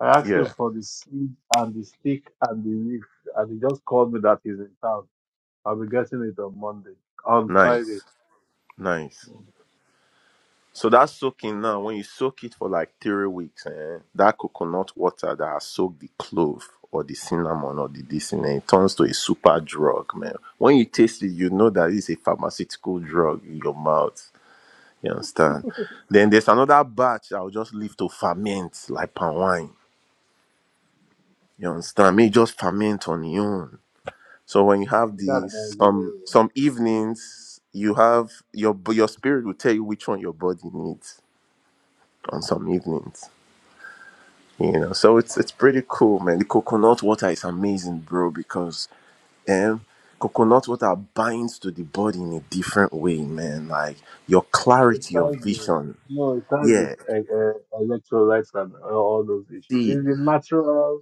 Speaker 2: I asked him
Speaker 3: Yeah,
Speaker 2: for the seed and the stick and the leaf, and he just called me that he's in town. I'll be getting it on Monday, on Friday.
Speaker 3: nice, nice. So that's soaking now. When you soak it for like three weeks, eh, that coconut water that has soaked the clove or the cinnamon or the this in it, it turns to a super drug, man. When you taste it, you know that it's a pharmaceutical drug in your mouth. You understand? Then there's another batch I'll just leave to ferment like palm wine. You understand? May it just ferment on your own. So when you have
Speaker 2: That
Speaker 3: these some
Speaker 2: Nigeria,
Speaker 3: some evenings, you have your b- your spirit will tell you which one your body needs on some evenings. You know, so it's it's pretty cool, man. The coconut water is amazing, bro, because um coconut water binds to the body in a different way, man. Like your
Speaker 2: it
Speaker 3: clarity, of
Speaker 2: ties the
Speaker 3: vision.
Speaker 2: no, it ties this
Speaker 3: Yeah.
Speaker 2: uh, uh, electoral rights and uh, all those issues.
Speaker 3: See,
Speaker 2: Is the natural,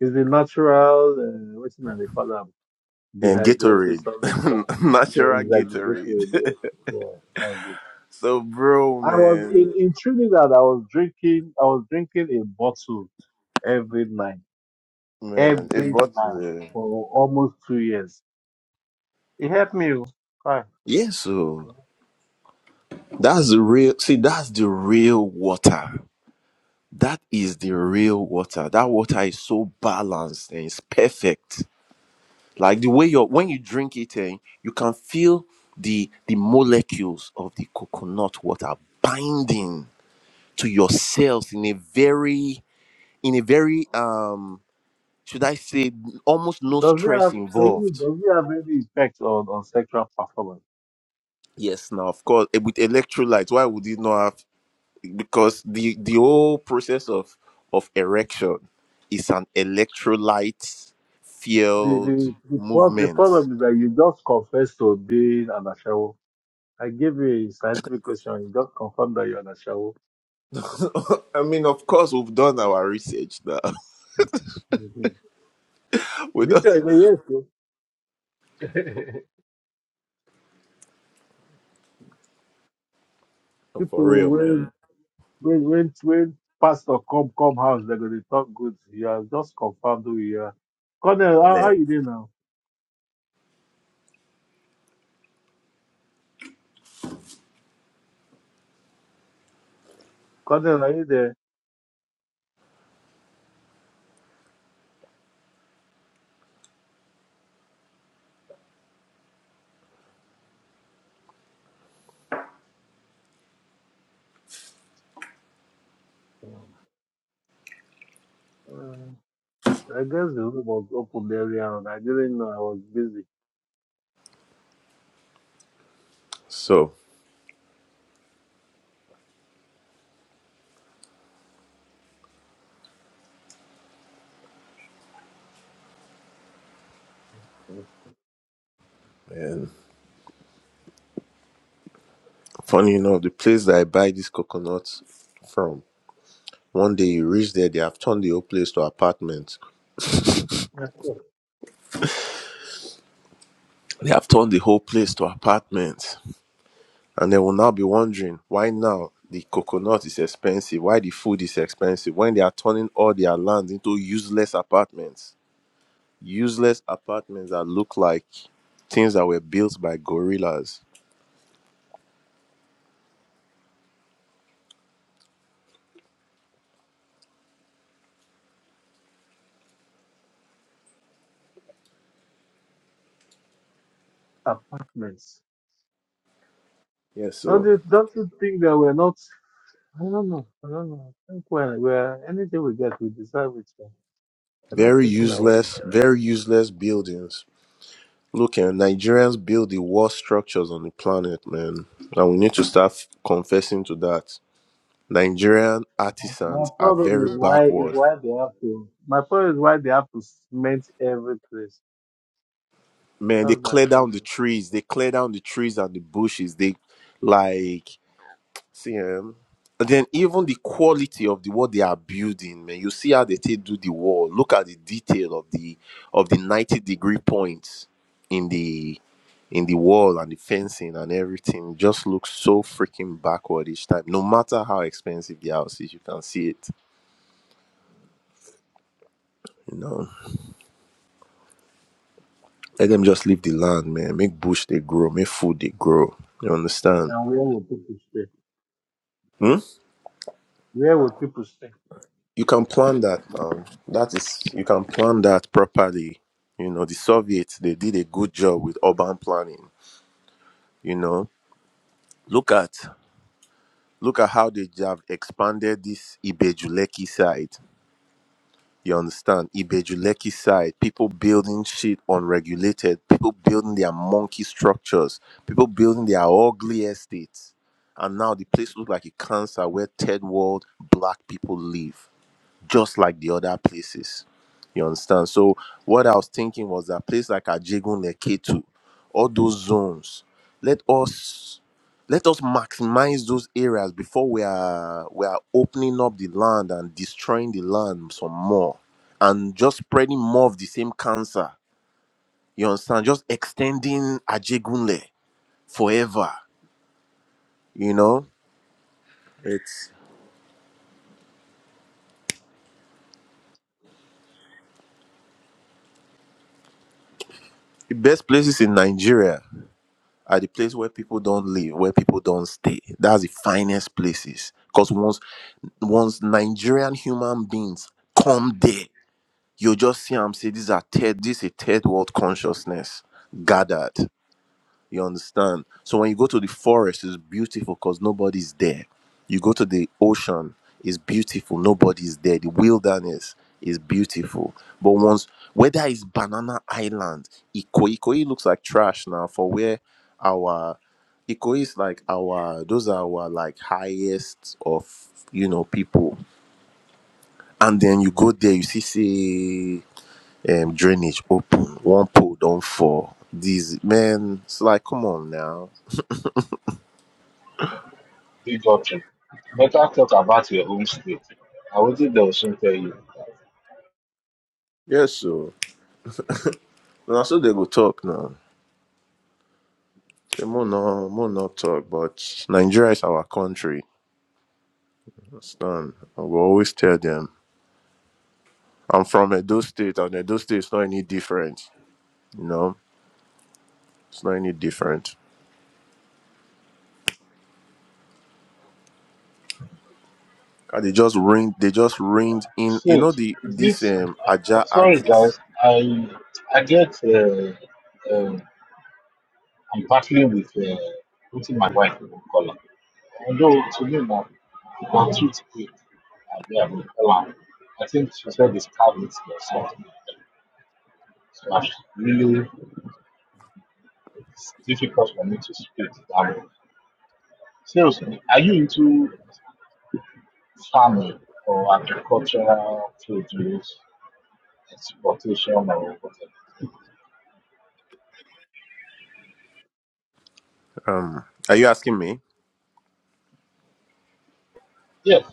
Speaker 2: is the natural, uh, what's in the column?
Speaker 3: and
Speaker 2: Dehydrated
Speaker 3: Gatorade,
Speaker 2: some of the time.
Speaker 3: [LAUGHS]
Speaker 2: Yeah,
Speaker 3: natural
Speaker 2: it's like the bakery.
Speaker 3: Gatorade.
Speaker 2: Yeah, yeah, that's it.
Speaker 3: [LAUGHS] so, bro,
Speaker 2: I was
Speaker 3: man,
Speaker 2: in in Trinidad. I was drinking. I was drinking a bottle every night.
Speaker 3: man, it
Speaker 2: every
Speaker 3: bought
Speaker 2: night
Speaker 3: me.
Speaker 2: for almost two years. It helped me. oh. Right.
Speaker 3: Yeah, so that's the real. See, that's the real water. That is the real water. That water is so balanced and it's perfect. Like the way you are when you drink it, eh, you can feel the the molecules of the coconut water binding to your cells in a very in a very um should I say, almost no
Speaker 2: Does it
Speaker 3: stress
Speaker 2: have to you?
Speaker 3: involved.
Speaker 2: Does it have any effect on, on sexual performance?
Speaker 3: Yes, now of course eh, with electrolytes, why would you not have? Because the the whole process of of erection is an electrolyte
Speaker 2: The
Speaker 3: field
Speaker 2: the the, prob- the
Speaker 3: movement.
Speaker 2: problem is that you just confess to being an ashawo. I gave you a scientific question. You just confirm that you're an ashawo.
Speaker 3: [LAUGHS] I mean, of course, we've done our research now.
Speaker 2: Mm-hmm.
Speaker 3: [LAUGHS] we don't,
Speaker 2: Because yes, oh,
Speaker 1: [LAUGHS]
Speaker 3: for
Speaker 2: people
Speaker 3: real,
Speaker 2: when
Speaker 3: man,
Speaker 2: when when when pastor come come house, they're gonna talk good. You are just confirmed who you are. Colonel, how, how
Speaker 3: man.
Speaker 2: you doing now? Colonel, are you there? I guess the room was open very early. I didn't know I was busy.
Speaker 3: So, man, funny enough, the place that I buy these coconuts from, one day you reach there, they have turned the whole place to apartment
Speaker 2: I thought
Speaker 3: They have turned the whole place to apartments. And they will now be wondering why now the coconut is expensive, why the food is expensive, when they are turning all their lands into useless apartments. Useless apartments that look like things that were built by gorillas.
Speaker 2: Apartments.
Speaker 3: Yes,
Speaker 2: Don't
Speaker 3: so
Speaker 2: you, don't you think that we're not? I don't know. I don't know. I think when we're anything we get, we deserve it. man. We're not
Speaker 3: very
Speaker 2: facing our.
Speaker 3: useless, very useless buildings. Look, and Nigerians build the worst structures on the planet, man. And we need to start confessing to that. Nigerian
Speaker 2: My
Speaker 3: artisans are
Speaker 2: problem
Speaker 3: very
Speaker 2: is why is
Speaker 3: backward.
Speaker 2: why they have to. My problem is why they have to cement every place.
Speaker 3: man they
Speaker 2: That's my
Speaker 3: clear down the
Speaker 2: problem.
Speaker 3: trees they clear down the trees and the bushes they like see um and then even the quality of the what they are building man you see how they take do the wall look at the detail of the of the 90 degree points in the in the wall and the fencing and everything just looks so freaking backward each time no matter how expensive the house is you can see it you know let them just leave the land man make bush they grow make food they grow you understand
Speaker 2: And where will people stay?
Speaker 3: Hmm?
Speaker 2: Where will people stay?
Speaker 3: you can plan that um that is you can plan that properly you know the soviets they did a good job with urban planning you know look at look at how they have expanded this ibejuleki side you understand ibejuleki side people building shit unregulated people building their monkey structures people building their ugly estates and now the place looks like a cancer where third world black people live just like the other places. You understand? So what I was thinking was that place like Ajegun Neketu, all those zones, let us let us maximize those areas before we are we are opening up the land and destroying the land some more and just spreading more of the same cancer. You understand? Just extending Ajegunle forever. You know? It's the best places in Nigeria. at the place where people don't live, where people don't stay. That's the finest places. Because once once Nigerian human beings come there, you just see them say these are third, this is third world consciousness gathered. You understand? So when you go to the forest, it's beautiful because nobody's there. You go to the ocean, it's beautiful, nobody's there. The wilderness is beautiful. But once whether it's Banana Island, Ikoyi, Ikoyi looks like trash now for where our Ikoyi is like our those are our like highest of you know people. And then you go there, you see see um, drainage open, one pole don't fall. These men, it's like come on now
Speaker 4: Big option. Better talk about your own state. I will think they will soon tell you.
Speaker 3: Yes, so now so they go talk now. They more no more not talk, but Nigeria is our country. Understand? I will always tell them I'm from Edo State, and Edo State is not any different. You know, it's not any different. And they just ring. They just ringed in. You
Speaker 4: So,
Speaker 3: know the this
Speaker 4: this,
Speaker 3: um Aja
Speaker 4: uh, sorry
Speaker 3: axis.
Speaker 4: guys, I I get, uh, um I'm battling with uh, putting my wife in color. Although to me, now, my treat quick, I'll be able to color. I think she said this card is or something. So, I really, it's difficult for me to speak that way. Seriously, are you into farming or agricultural produce exportation or whatever.
Speaker 3: Um, are you asking me?
Speaker 4: Yes,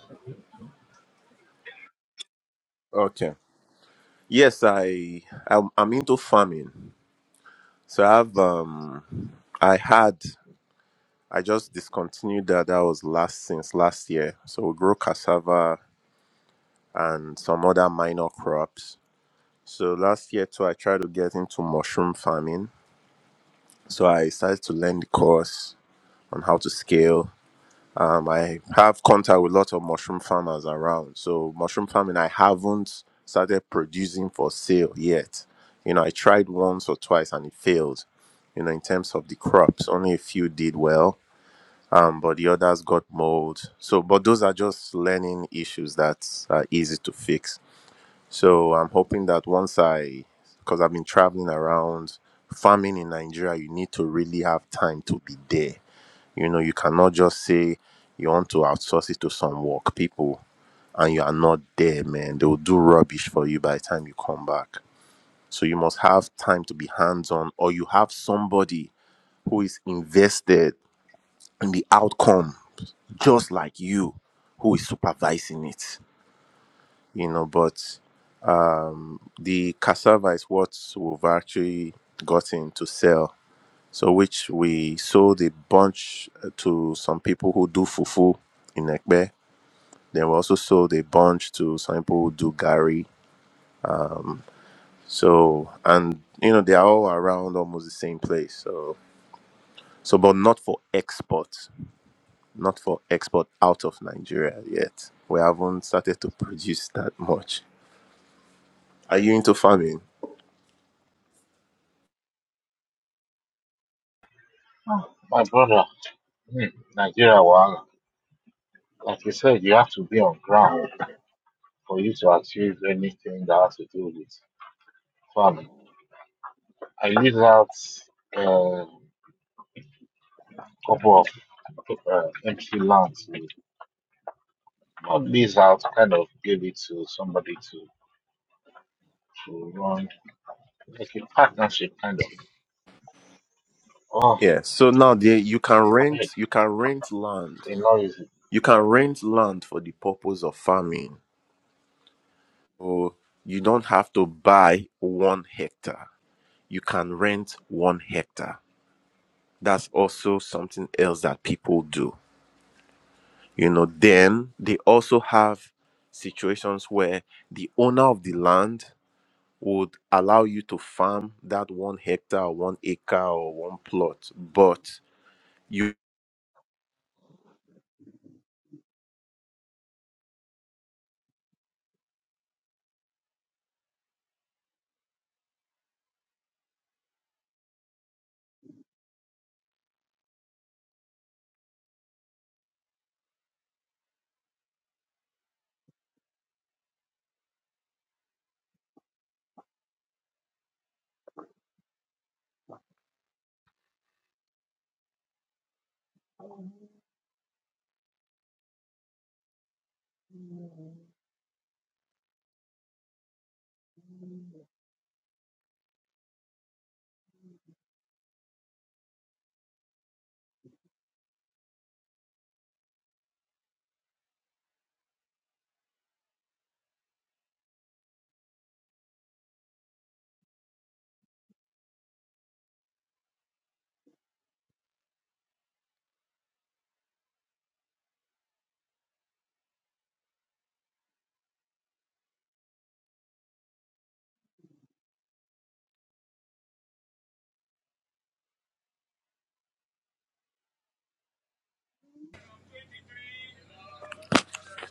Speaker 3: Okay. Yes, I I'm, I'm into farming. So I have um I had. I just discontinued that. That was last since last year. So we grow cassava and some other minor crops. So last year too, I tried to get into mushroom farming. So I started to learn the course on how to scale. Um, I have contact with lots of mushroom farmers around. So mushroom farming, I haven't started producing for sale yet. You know, I tried once or twice and it failed. You know, in terms of the crops, only a few did well um, but the others got mold. So, but those are just learning issues that are easy to fix. So, I'm hoping that once I, because I've been traveling around, farming in Nigeria, you need to really have time to be there. You know, you cannot just say you want to outsource it to some work people and you are not there, man. They will do rubbish for you by the time you come back. So, you must have time to be hands on, or you have somebody who is invested in the outcome just like you who is supervising it you know but the cassava is what we've actually gotten to sell so which we sold a bunch uh, to some people who do fufu in Ekbe. Then we also sold a bunch to some people who do gari. So and you know they are all around almost the same place. So so but not for export, not for export out of Nigeria yet. We haven't started to produce that much. Are you into farming?
Speaker 4: my brother, hmm, Nigeria, wahala. like you said, you have to be on ground for you to achieve anything that has to do with farming. I leave out a couple of uh, empty land to not lease out, kind of give it to somebody to, to run, like a partnership kind of. Oh,
Speaker 3: Yeah. So now there you can
Speaker 4: I
Speaker 3: rent
Speaker 4: mean,
Speaker 3: you can rent land.
Speaker 4: it's not easy.
Speaker 3: You can rent land for the purpose of farming. So you don't have to buy one hectare. You can rent one hectare. That's also something else that people do. You know, then they also have situations where the owner of the land would allow you to farm that one hectare, one acre, or one plot. But you,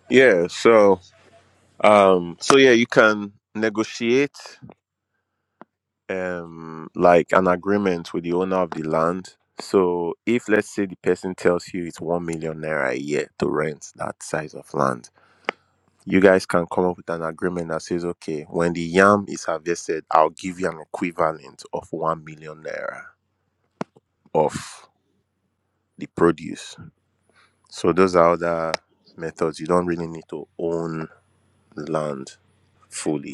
Speaker 3: yeah, so Um, so yeah, you can negotiate um like an agreement with the owner of the land. So if let's say the person tells you it's one million naira a year to rent that size of land, you guys can come up with an agreement that says, okay, when the yam is harvested, I'll give you an equivalent of one million naira of the produce. So those are other methods. You don't really need to own land fully.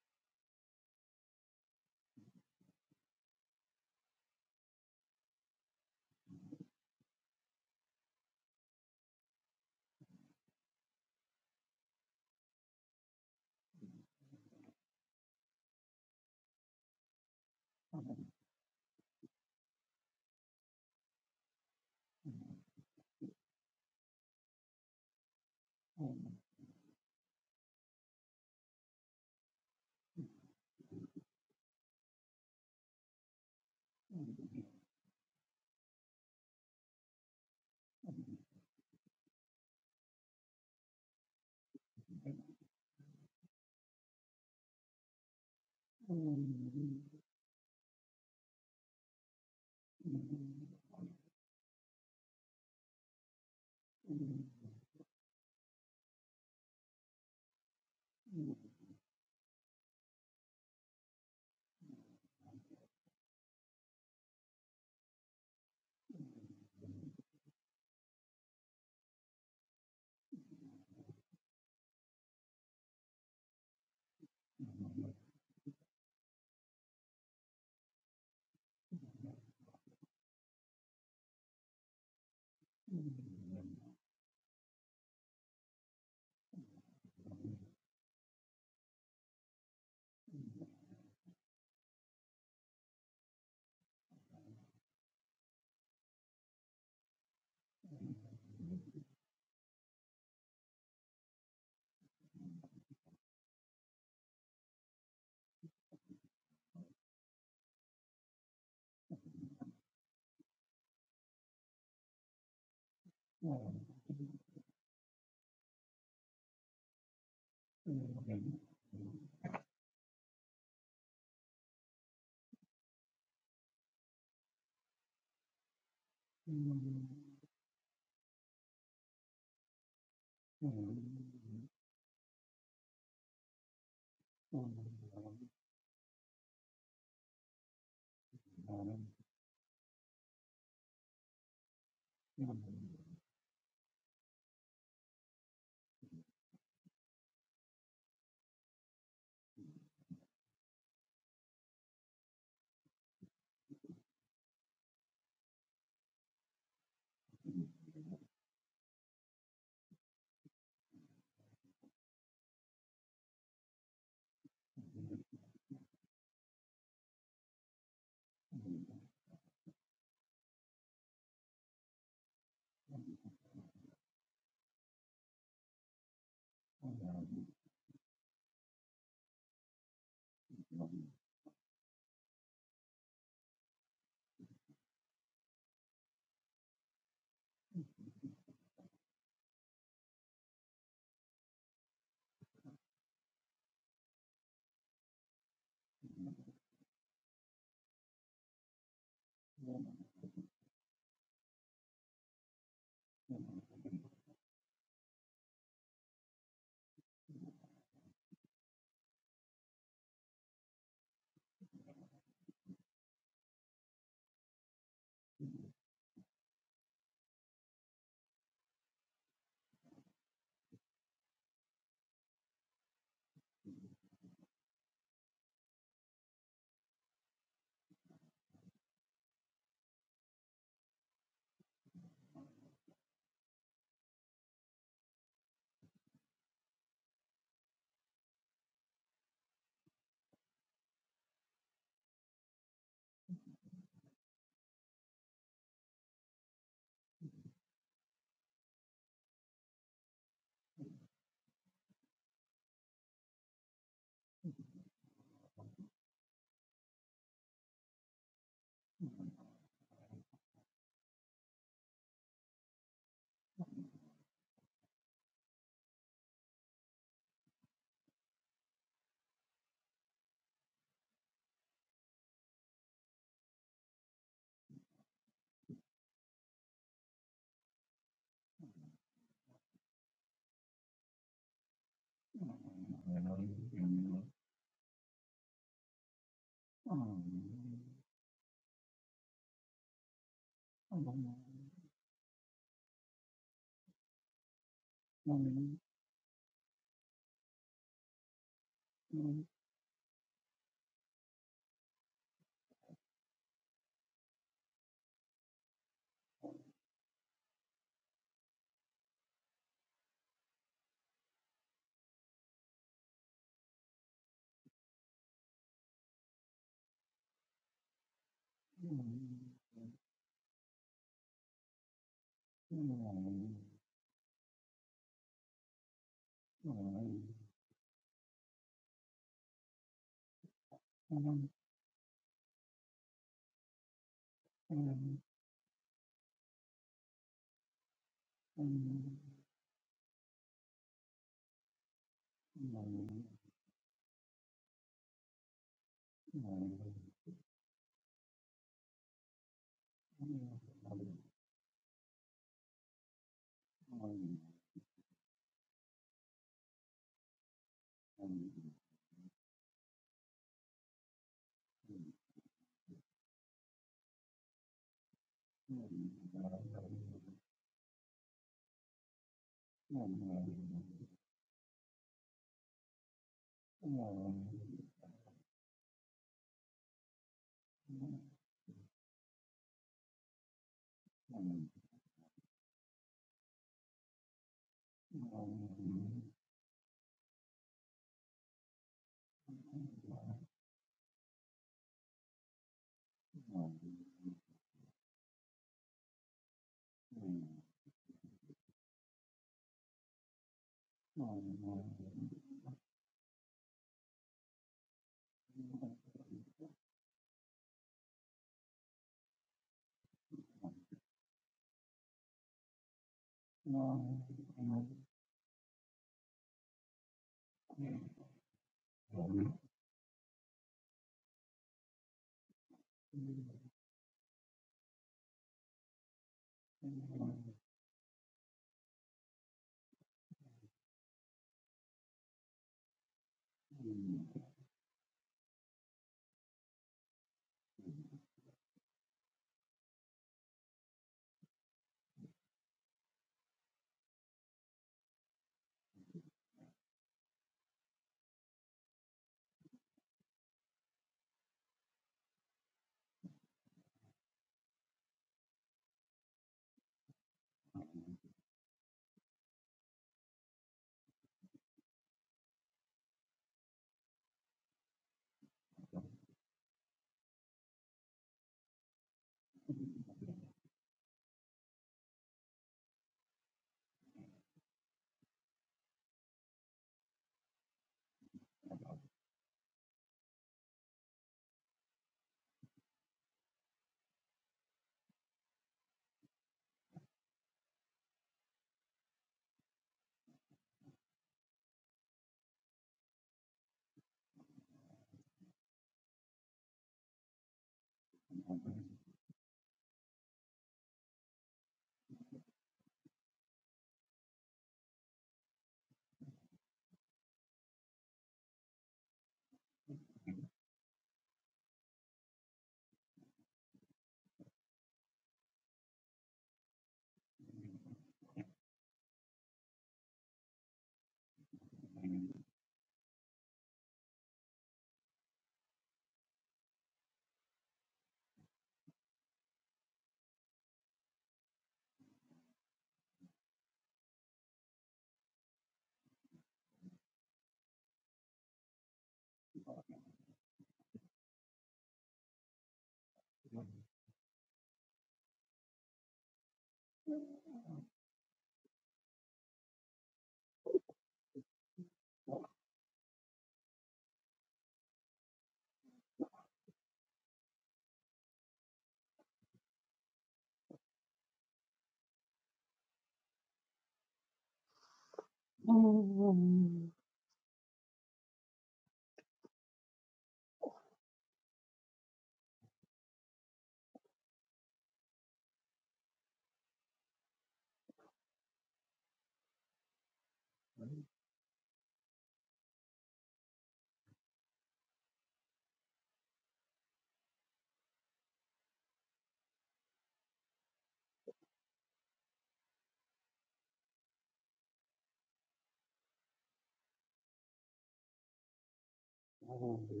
Speaker 2: Oh.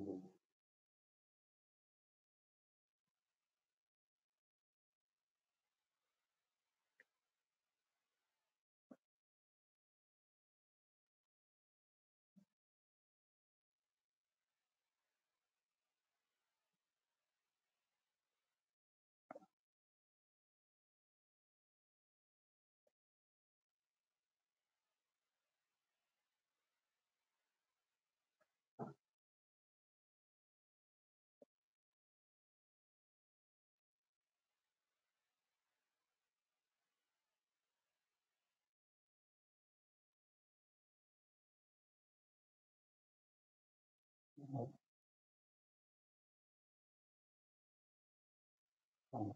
Speaker 2: Mostly, money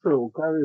Speaker 2: for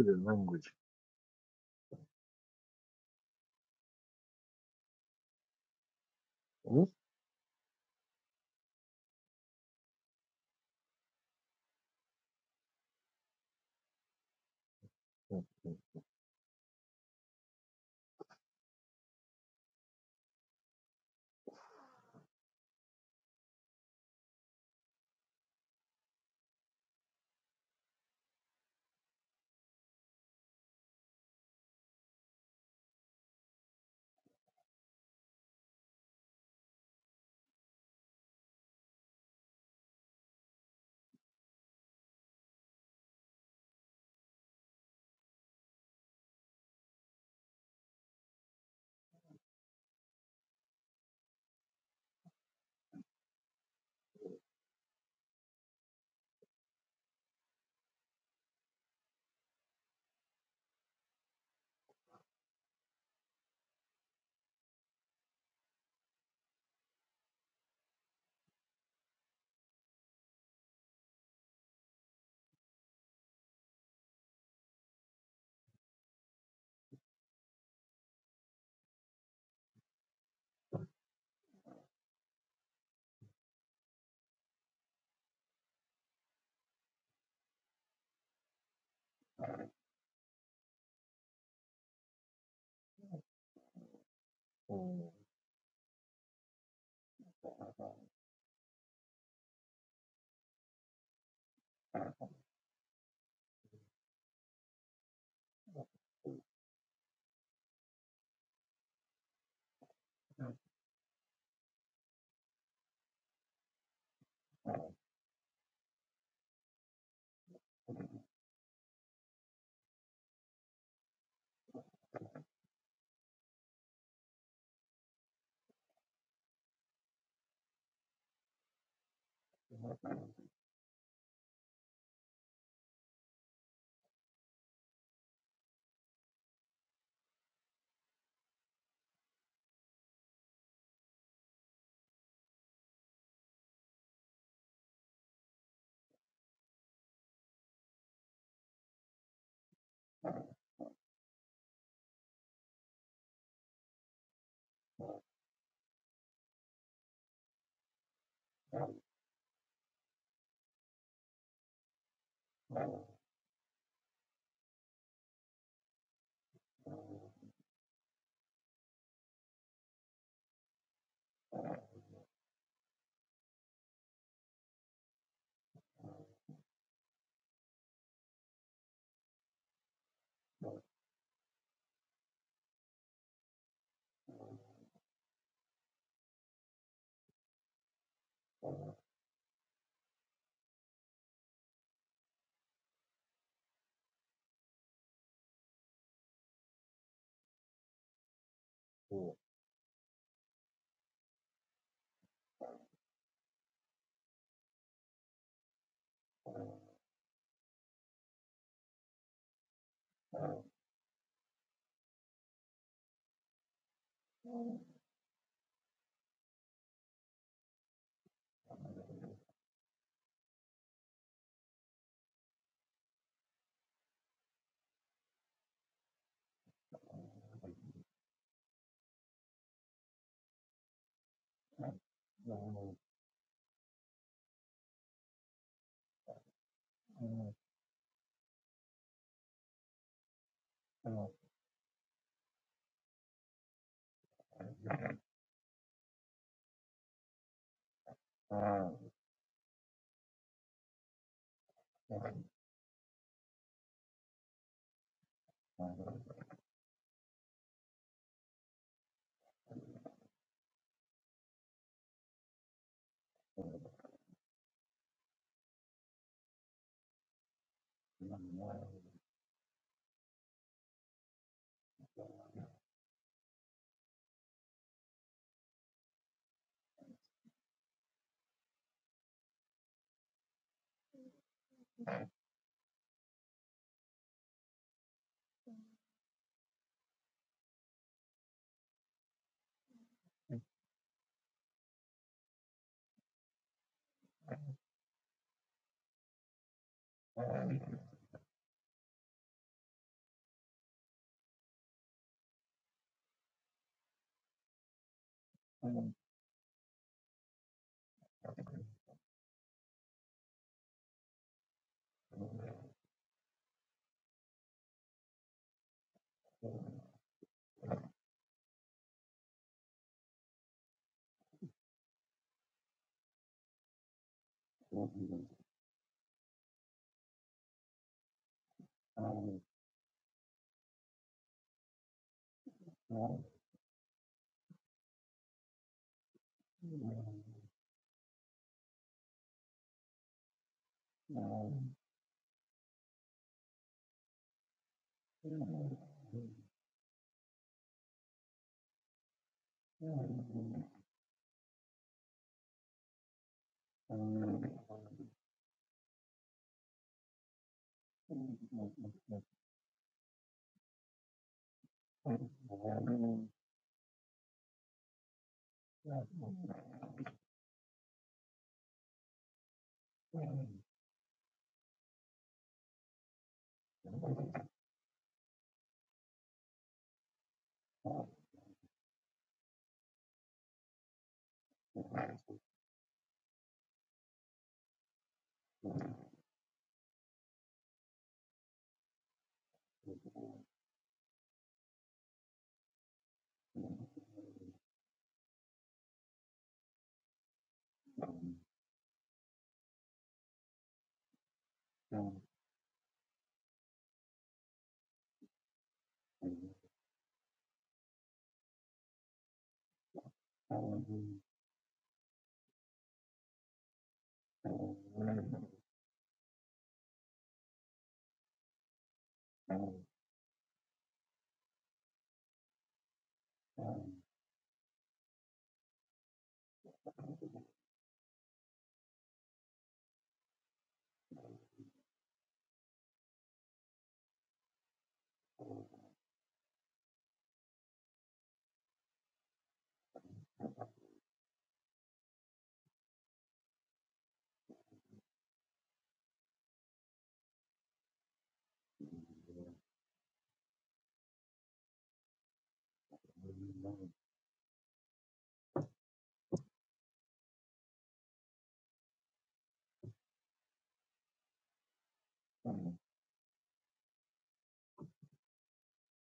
Speaker 2: lunch.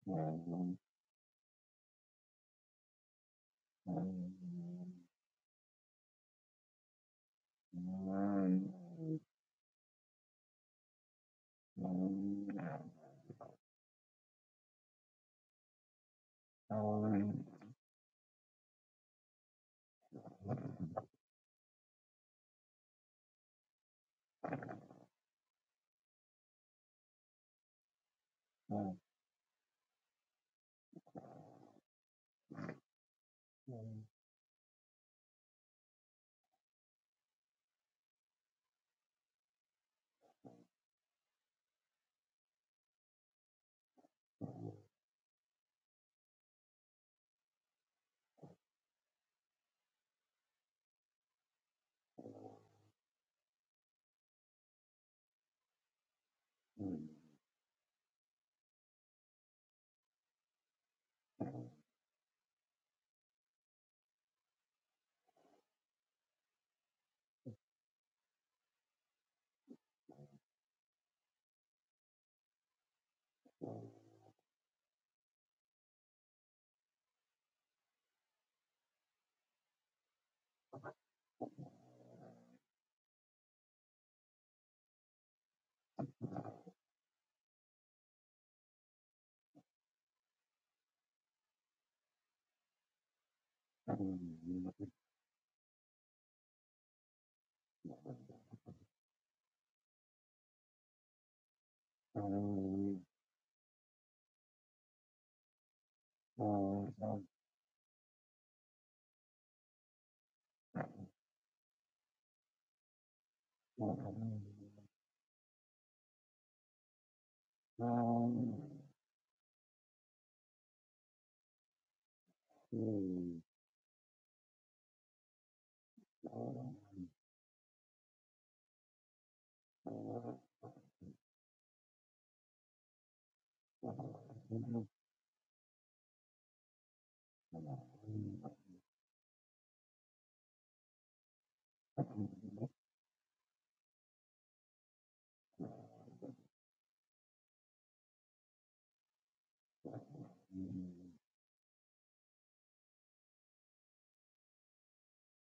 Speaker 2: Thank you.